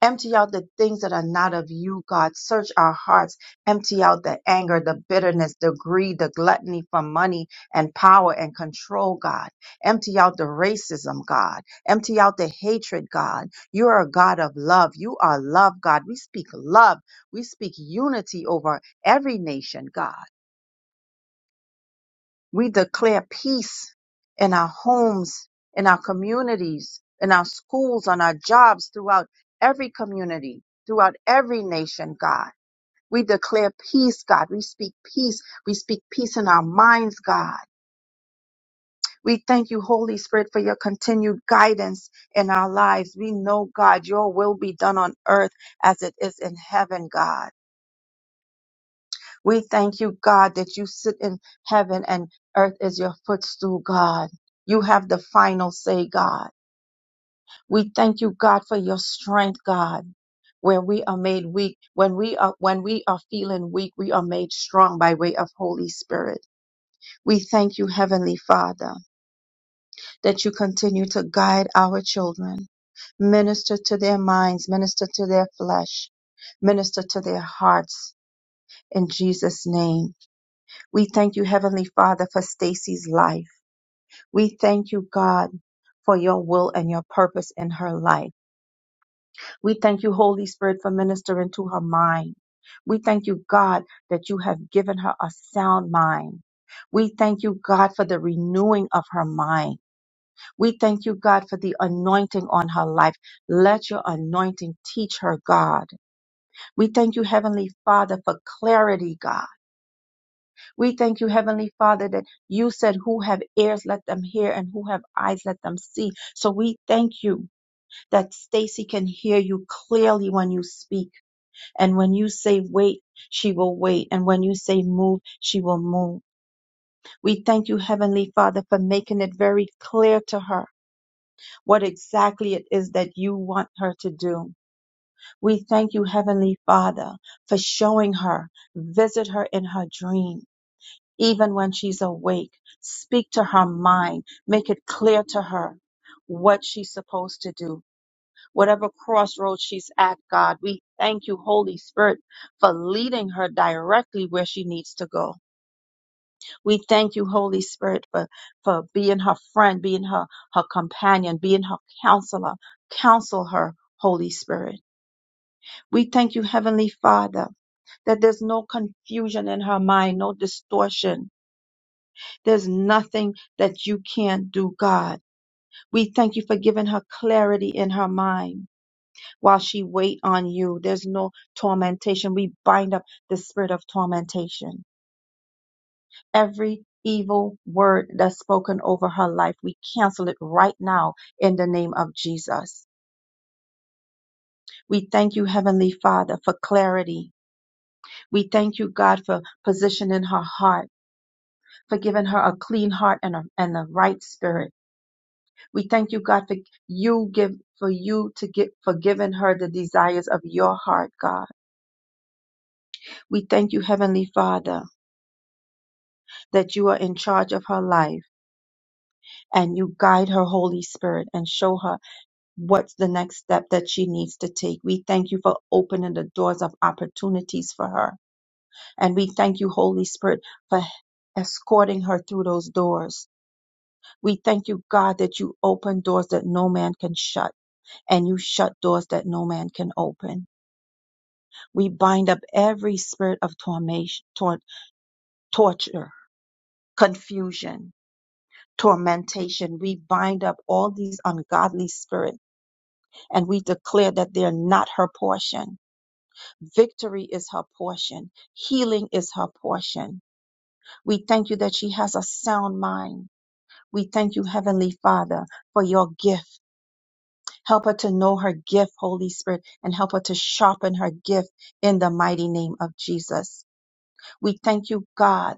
Speaker 5: Empty out the things that are not of you, God. Search our hearts. Empty out the anger, the bitterness, the greed, the gluttony for money and power and control, God. Empty out the racism, God. Empty out the hatred, God. You are a God of love. You are love, God. We speak love. We speak unity over every nation, God. We declare peace in our homes, in our communities, in our schools, on our jobs, throughout every community, throughout every nation, God. We declare peace, God. We speak peace. We speak peace in our minds, God. We thank you, Holy Spirit, for your continued guidance in our lives. We know, God, your will be done on earth as it is in heaven, God. We thank you, God, that you sit in heaven and earth is your footstool, God. You have the final say, God. We thank you, God, for your strength, God. When we are made weak, when we are when we are feeling weak, we are made strong by way of Holy Spirit. We thank you, Heavenly Father, that you continue to guide our children, minister to their minds, minister to their flesh, minister to their hearts. In Jesus' name. We thank you, Heavenly Father, for Stacy's life. We thank you, God, for your will and your purpose in her life. We thank you, Holy Spirit, for ministering to her mind. We thank you, God, that you have given her a sound mind. We thank you, God, for the renewing of her mind. We thank you, God, for the anointing on her life. Let your anointing teach her, God. We thank you, Heavenly Father, for clarity, God. We thank you, Heavenly Father, that you said, Who have ears, let them hear, and who have eyes, let them see. So we thank you that Stacy can hear you clearly when you speak. And when you say wait, she will wait. And when you say move, she will move. We thank you, Heavenly Father, for making it very clear to her what exactly it is that you want her to do. We thank you, Heavenly Father, for showing her, visit her in her dream even when she's awake. Speak to her mind. Make it clear to her what she's supposed to do. Whatever crossroads she's at, God, we thank you, Holy Spirit, for leading her directly where she needs to go. We thank you, Holy Spirit, for, for being her friend, being her, her companion, being her counselor. Counsel her, Holy Spirit. We thank you, Heavenly Father, that there's no confusion in her mind, no distortion There's nothing that you can't do, God. We thank you for giving her clarity in her mind while she wait on you. There's no tormentation. We bind up the spirit of tormentation. Every evil word that's spoken over her life, we cancel it right now in the name of Jesus. We thank you, Heavenly Father, for clarity. We thank you, God, for positioning her heart, for giving her a clean heart and a, and the right spirit. We thank you, God, for you give for you to get for giving her the desires of your heart, God. We thank you, Heavenly Father, that you are in charge of her life and you guide her Holy Spirit and show her what's the next step that she needs to take. We thank you for opening the doors of opportunities for her. And we thank you, Holy Spirit, for escorting her through those doors. We thank you, God, that you open doors that no man can shut and you shut doors that no man can open. We bind up every spirit of tormation, tor- torture, confusion, tormentation. We bind up all these ungodly spirits and we declare that they're not her portion. Victory is her portion. Healing is her portion. We thank you that she has a sound mind. We thank you, Heavenly Father, for your gift. Help her to know her gift, Holy Spirit, and help her to sharpen her gift in the mighty name of Jesus. We thank you, God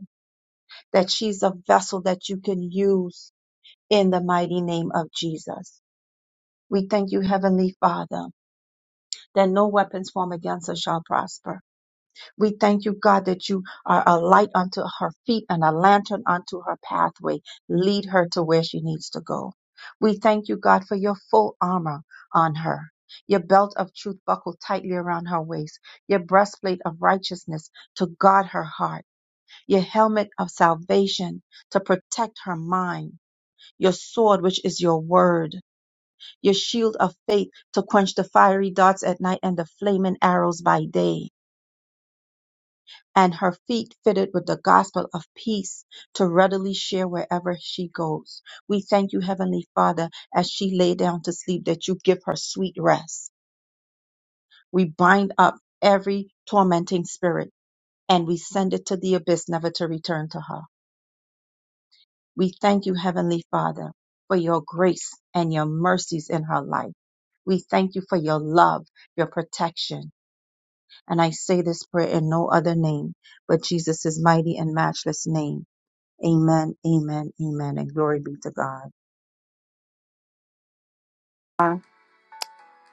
Speaker 5: that she's a vessel that you can use in the mighty name of Jesus. We thank you, Heavenly Father, that no weapons formed against us shall prosper. We thank you, God, that you are a light unto her feet and a lantern unto her pathway. Lead her to where she needs to go. We thank you, God, for your full armor on her, your belt of truth buckled tightly around her waist, your breastplate of righteousness to guard her heart, your helmet of salvation to protect her mind your sword, which is your word, your shield of faith to quench the fiery darts at night and the flaming arrows by day, and her feet fitted with the gospel of peace to readily share wherever she goes. We thank you, Heavenly Father, as she lay down to sleep, that you give her sweet rest. We bind up every tormenting spirit and we send it to the abyss, never to return to her. We thank you, Heavenly Father, for your grace and your mercies in her life. We thank you for your love, your protection. And I say this prayer in no other name but Jesus' mighty and matchless name. Amen, amen, amen, and glory be to God.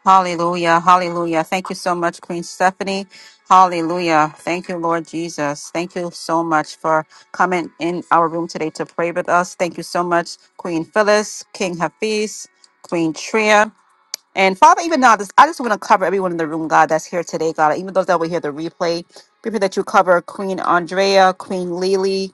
Speaker 2: Hallelujah. Hallelujah. Thank you so much, Queen Stephanie. Hallelujah. Thank you, Lord Jesus. Thank you so much for coming in our room today to pray with us. Thank you so much, Queen Phyllis, King Hafiz, Queen Tria. And Father, even now, this, I just want to cover everyone in the room, God, that's here today, God. Even those that will hear the replay, we pray that you cover Queen Andrea, Queen Lily.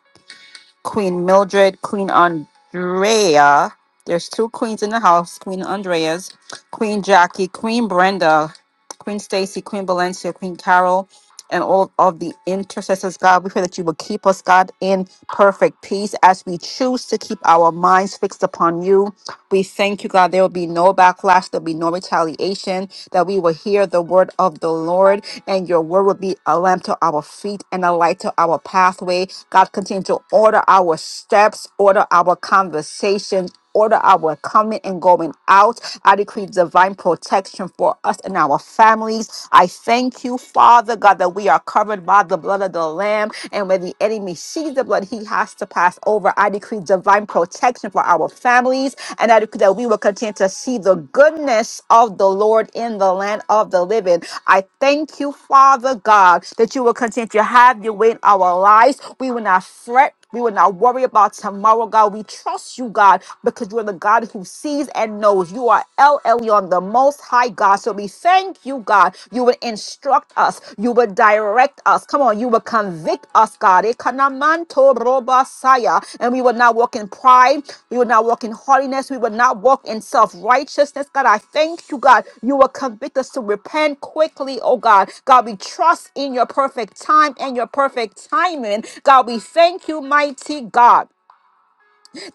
Speaker 2: Queen Mildred, Queen Andrea. There's two queens in the house Queen Andrea's, Queen Jackie, Queen Brenda, Queen Stacy, Queen Valencia, Queen Carol, and all of the intercessors, God. We pray that you will keep us, God, in perfect peace as we choose to keep our minds fixed upon you. We thank you, God. There will be no backlash, there'll be no retaliation, that we will hear the word of the Lord, and your word will be a lamp to our feet and a light to our pathway God, continue to order our steps, order our conversations, order our coming and going out. I decree divine protection for us and our families. I thank you, Father God, that we are covered by the blood of the Lamb. And when the enemy sees the blood, he has to pass over. I decree divine protection for our families. And I decree that we will will continue to see the goodness of the Lord in the land of the living. I thank you, Father God, that you will continue to have your way in our lives. We will not fret. We will not worry about tomorrow, God. We trust you, God, because you're the God who sees and knows. You are El Elyon, the Most High God. So we thank you, God. You will instruct us us. You will direct us. Come on, you will convict us, God. Ekanamanto robasaya. And we will not walk in pride. We will not walk in haughtiness. We will not walk in self righteousness. God, I thank you, God. You will convict us to repent quickly, oh God. God, we trust in your perfect time and your perfect timing. God, we thank you, mighty God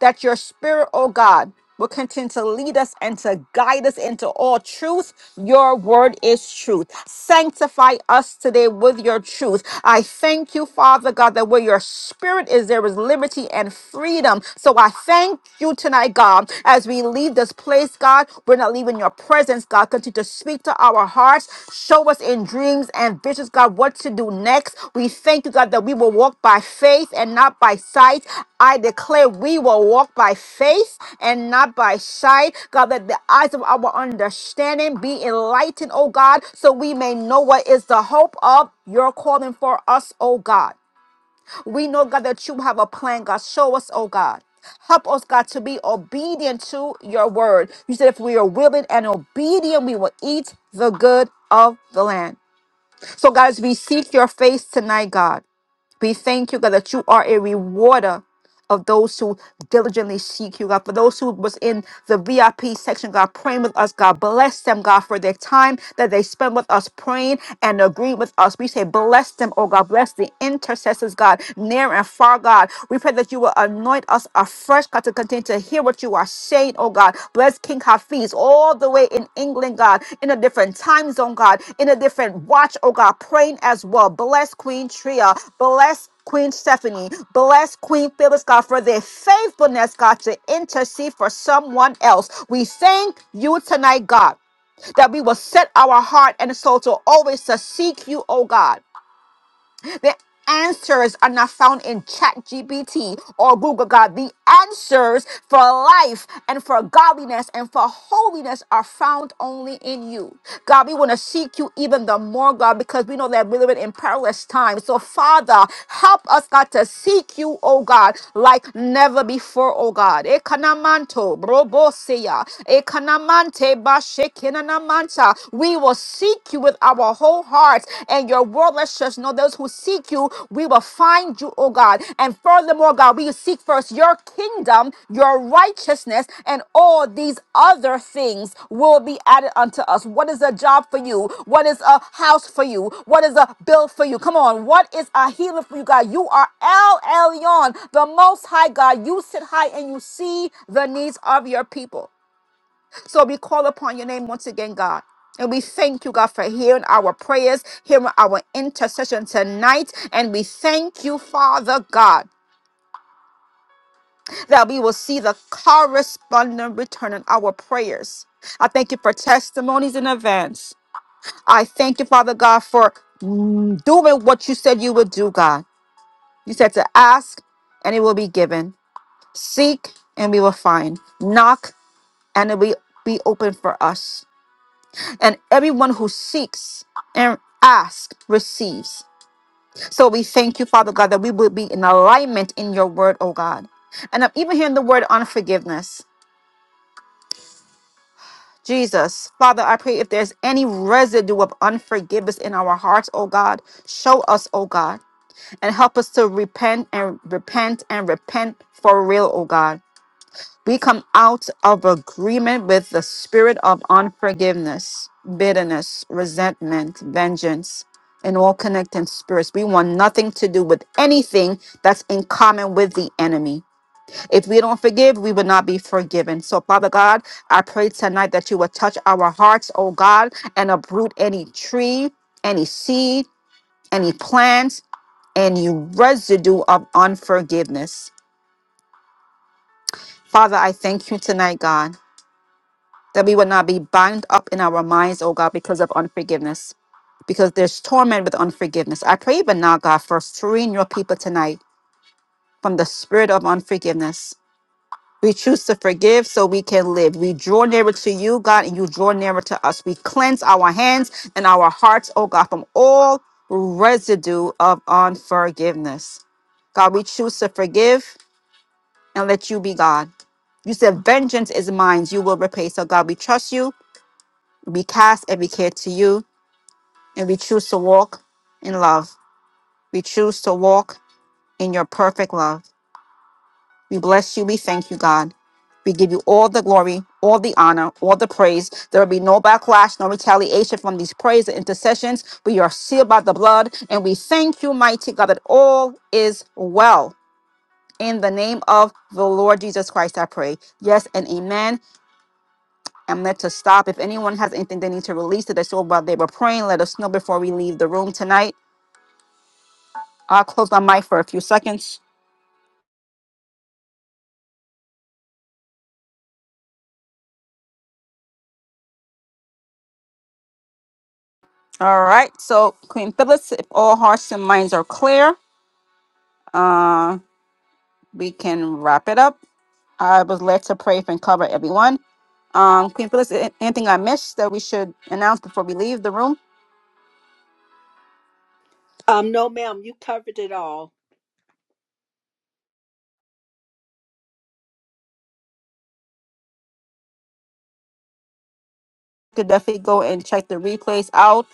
Speaker 2: that your spirit, oh God, will continue to lead us and to guide us into all truth. Your word is truth. Sanctify us today with your truth. I thank you, Father God, that where your spirit is, there is liberty and freedom. So I thank you tonight, God, as we leave this place, God, we're not leaving your presence, God. Continue to speak to our hearts. Show us in dreams and visions, God, what to do next. We thank you, God, that we will walk by faith and not by sight. I declare we will walk by faith and not by sight. God, that the eyes of our understanding be enlightened, oh God, so we may know what is the hope of your calling for us, oh God. We know, God, that you have a plan, God. Show us, oh God. Help us, God, to be obedient to your word. You said if we are willing and obedient, we will eat the good of the land. So, guys, we seek your face tonight, God. We thank you, God, that you are a rewarder of those who diligently seek you, God. For those who was in the VIP section, God, praying with us, God, bless them, God, for their time that they spend with us praying and agreeing with us. We say, bless them, oh God, bless the intercessors, God, near and far, God. We pray that you will anoint us afresh, God, to continue to hear what you are saying Shane, oh God. Bless King Hafiz all the way in England, God, in a different time zone, God, in a different watch, oh God, praying as well. Bless Queen Tria. Bless Queen Stephanie. Bless Queen Phyllis, God, for their faithfulness, God, to intercede for someone else. We thank you tonight, God, that we will set our heart and soul to always to seek you, oh God the answers are not found in ChatGPT or google god the answers for life and for godliness and for holiness are found only in you god we want to seek you even the more god because we know that we live in perilous times so father help us god to seek you oh god like never before oh god ekanamanto broboseya ekanamante bashekinanamanta we will seek you with our whole hearts. And your word lets us know those who seek you, we will find you, oh God. And furthermore, God, we seek first your kingdom, your righteousness, and all these other things will be added unto us. What is a job for you? What is a house for you? What is a bill for you? Come on. What is a healing for you, God? You are El Elyon, the most high God. You sit high and you see the needs of your people. So we call upon your name once again, God. And we thank you, God, for hearing our prayers, hearing our intercession tonight. And we thank you, Father God, that we will see the corresponding return on our prayers. I thank you for testimonies in advance. I thank you, Father God, for mm, doing what you said you would do, God. You said to ask and it will be given, seek and we will find, knock and it will be open for us. and everyone who seeks and asks receives. So we thank you, Father God, that we will be in alignment in your word, oh God. And I'm even hearing the word unforgiveness. Jesus, Father, I pray if there's any residue of unforgiveness in our hearts, oh God, show us, oh God, and help us to repent and repent and repent for real, oh God. We come out of agreement with the spirit of unforgiveness, bitterness, resentment, vengeance, and all connecting spirits. We want nothing to do with anything that's in common with the enemy. If we don't forgive, we will not be forgiven. So, Father God, I pray tonight that you will touch our hearts, oh God, and uproot any tree, any seed, any plants, any residue of unforgiveness. Father, I thank you tonight, God. that we would not be bound up in our minds, oh God, because of unforgiveness, because there's torment with unforgiveness. I pray even now, God, for freeing your people tonight from the spirit of unforgiveness. We choose to forgive so we can live. We draw nearer to you, God, and you draw nearer to us. We cleanse our hands and our hearts, oh God, from all residue of unforgiveness. God, we choose to forgive and let you be God. You said, Vengeance is mine, you will repay. So, God, we trust you we cast every care to you and we choose to walk in love. We choose to walk in your perfect love. We bless you. We thank you, God. We give you all the glory, all the honor, all the praise. There will be no backlash, no retaliation from these prayers and intercessions. We are sealed by the blood, and we thank you, mighty God, that all is well. In the name of the Lord Jesus Christ, I pray. Yes and amen. I'm led to stop. If anyone has anything they need to release to their soul while they were praying, let us know before we leave the room tonight. I'll close my mic for a few seconds. All right. So, Queen Phyllis, if all hearts and minds are clear, uh, we can wrap it up. I was led to pray for and cover everyone. Um, Queen Phyllis, a- anything I missed that we should announce before we leave the room?
Speaker 1: Um, no, ma'am, you covered it all.
Speaker 2: could definitely go and check the replays out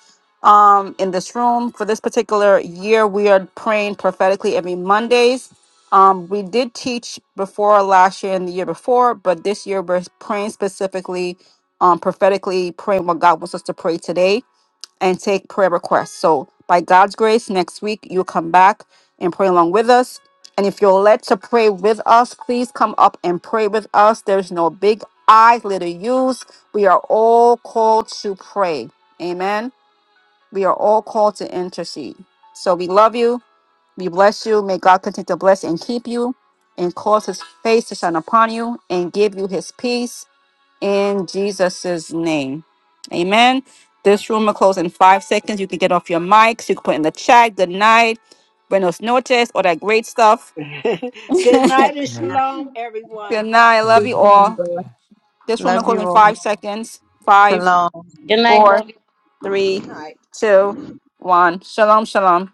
Speaker 2: um in this room for this particular year we are praying prophetically every mondays um we did teach before last year and the year before but this year we're praying specifically um prophetically praying what god wants us to pray today and take prayer requests. So, by God's grace, next week you'll come back and pray along with us. And if you're led to pray with us, please come up and pray with us. There's no big I, little U's. We are all called to pray. Amen. We are all called to intercede. So, we love you. We bless you. May God continue to bless and keep you and cause his face to shine upon you and give you his peace in Jesus' name. Amen. This room will close in five seconds. You can get off your mics. You can put in the chat. Good night. Buenos noches. All that great stuff. Good
Speaker 4: Good night.
Speaker 1: Um, everyone.
Speaker 2: night. I Love
Speaker 4: So,
Speaker 2: you all.
Speaker 4: uh,
Speaker 2: This room will
Speaker 5: Love
Speaker 2: close
Speaker 5: you
Speaker 2: in
Speaker 5: all.
Speaker 2: five seconds. Five,
Speaker 5: Shalom.
Speaker 3: Good night.
Speaker 2: four,
Speaker 3: Love you.
Speaker 2: three, two, one. Shalom, shalom.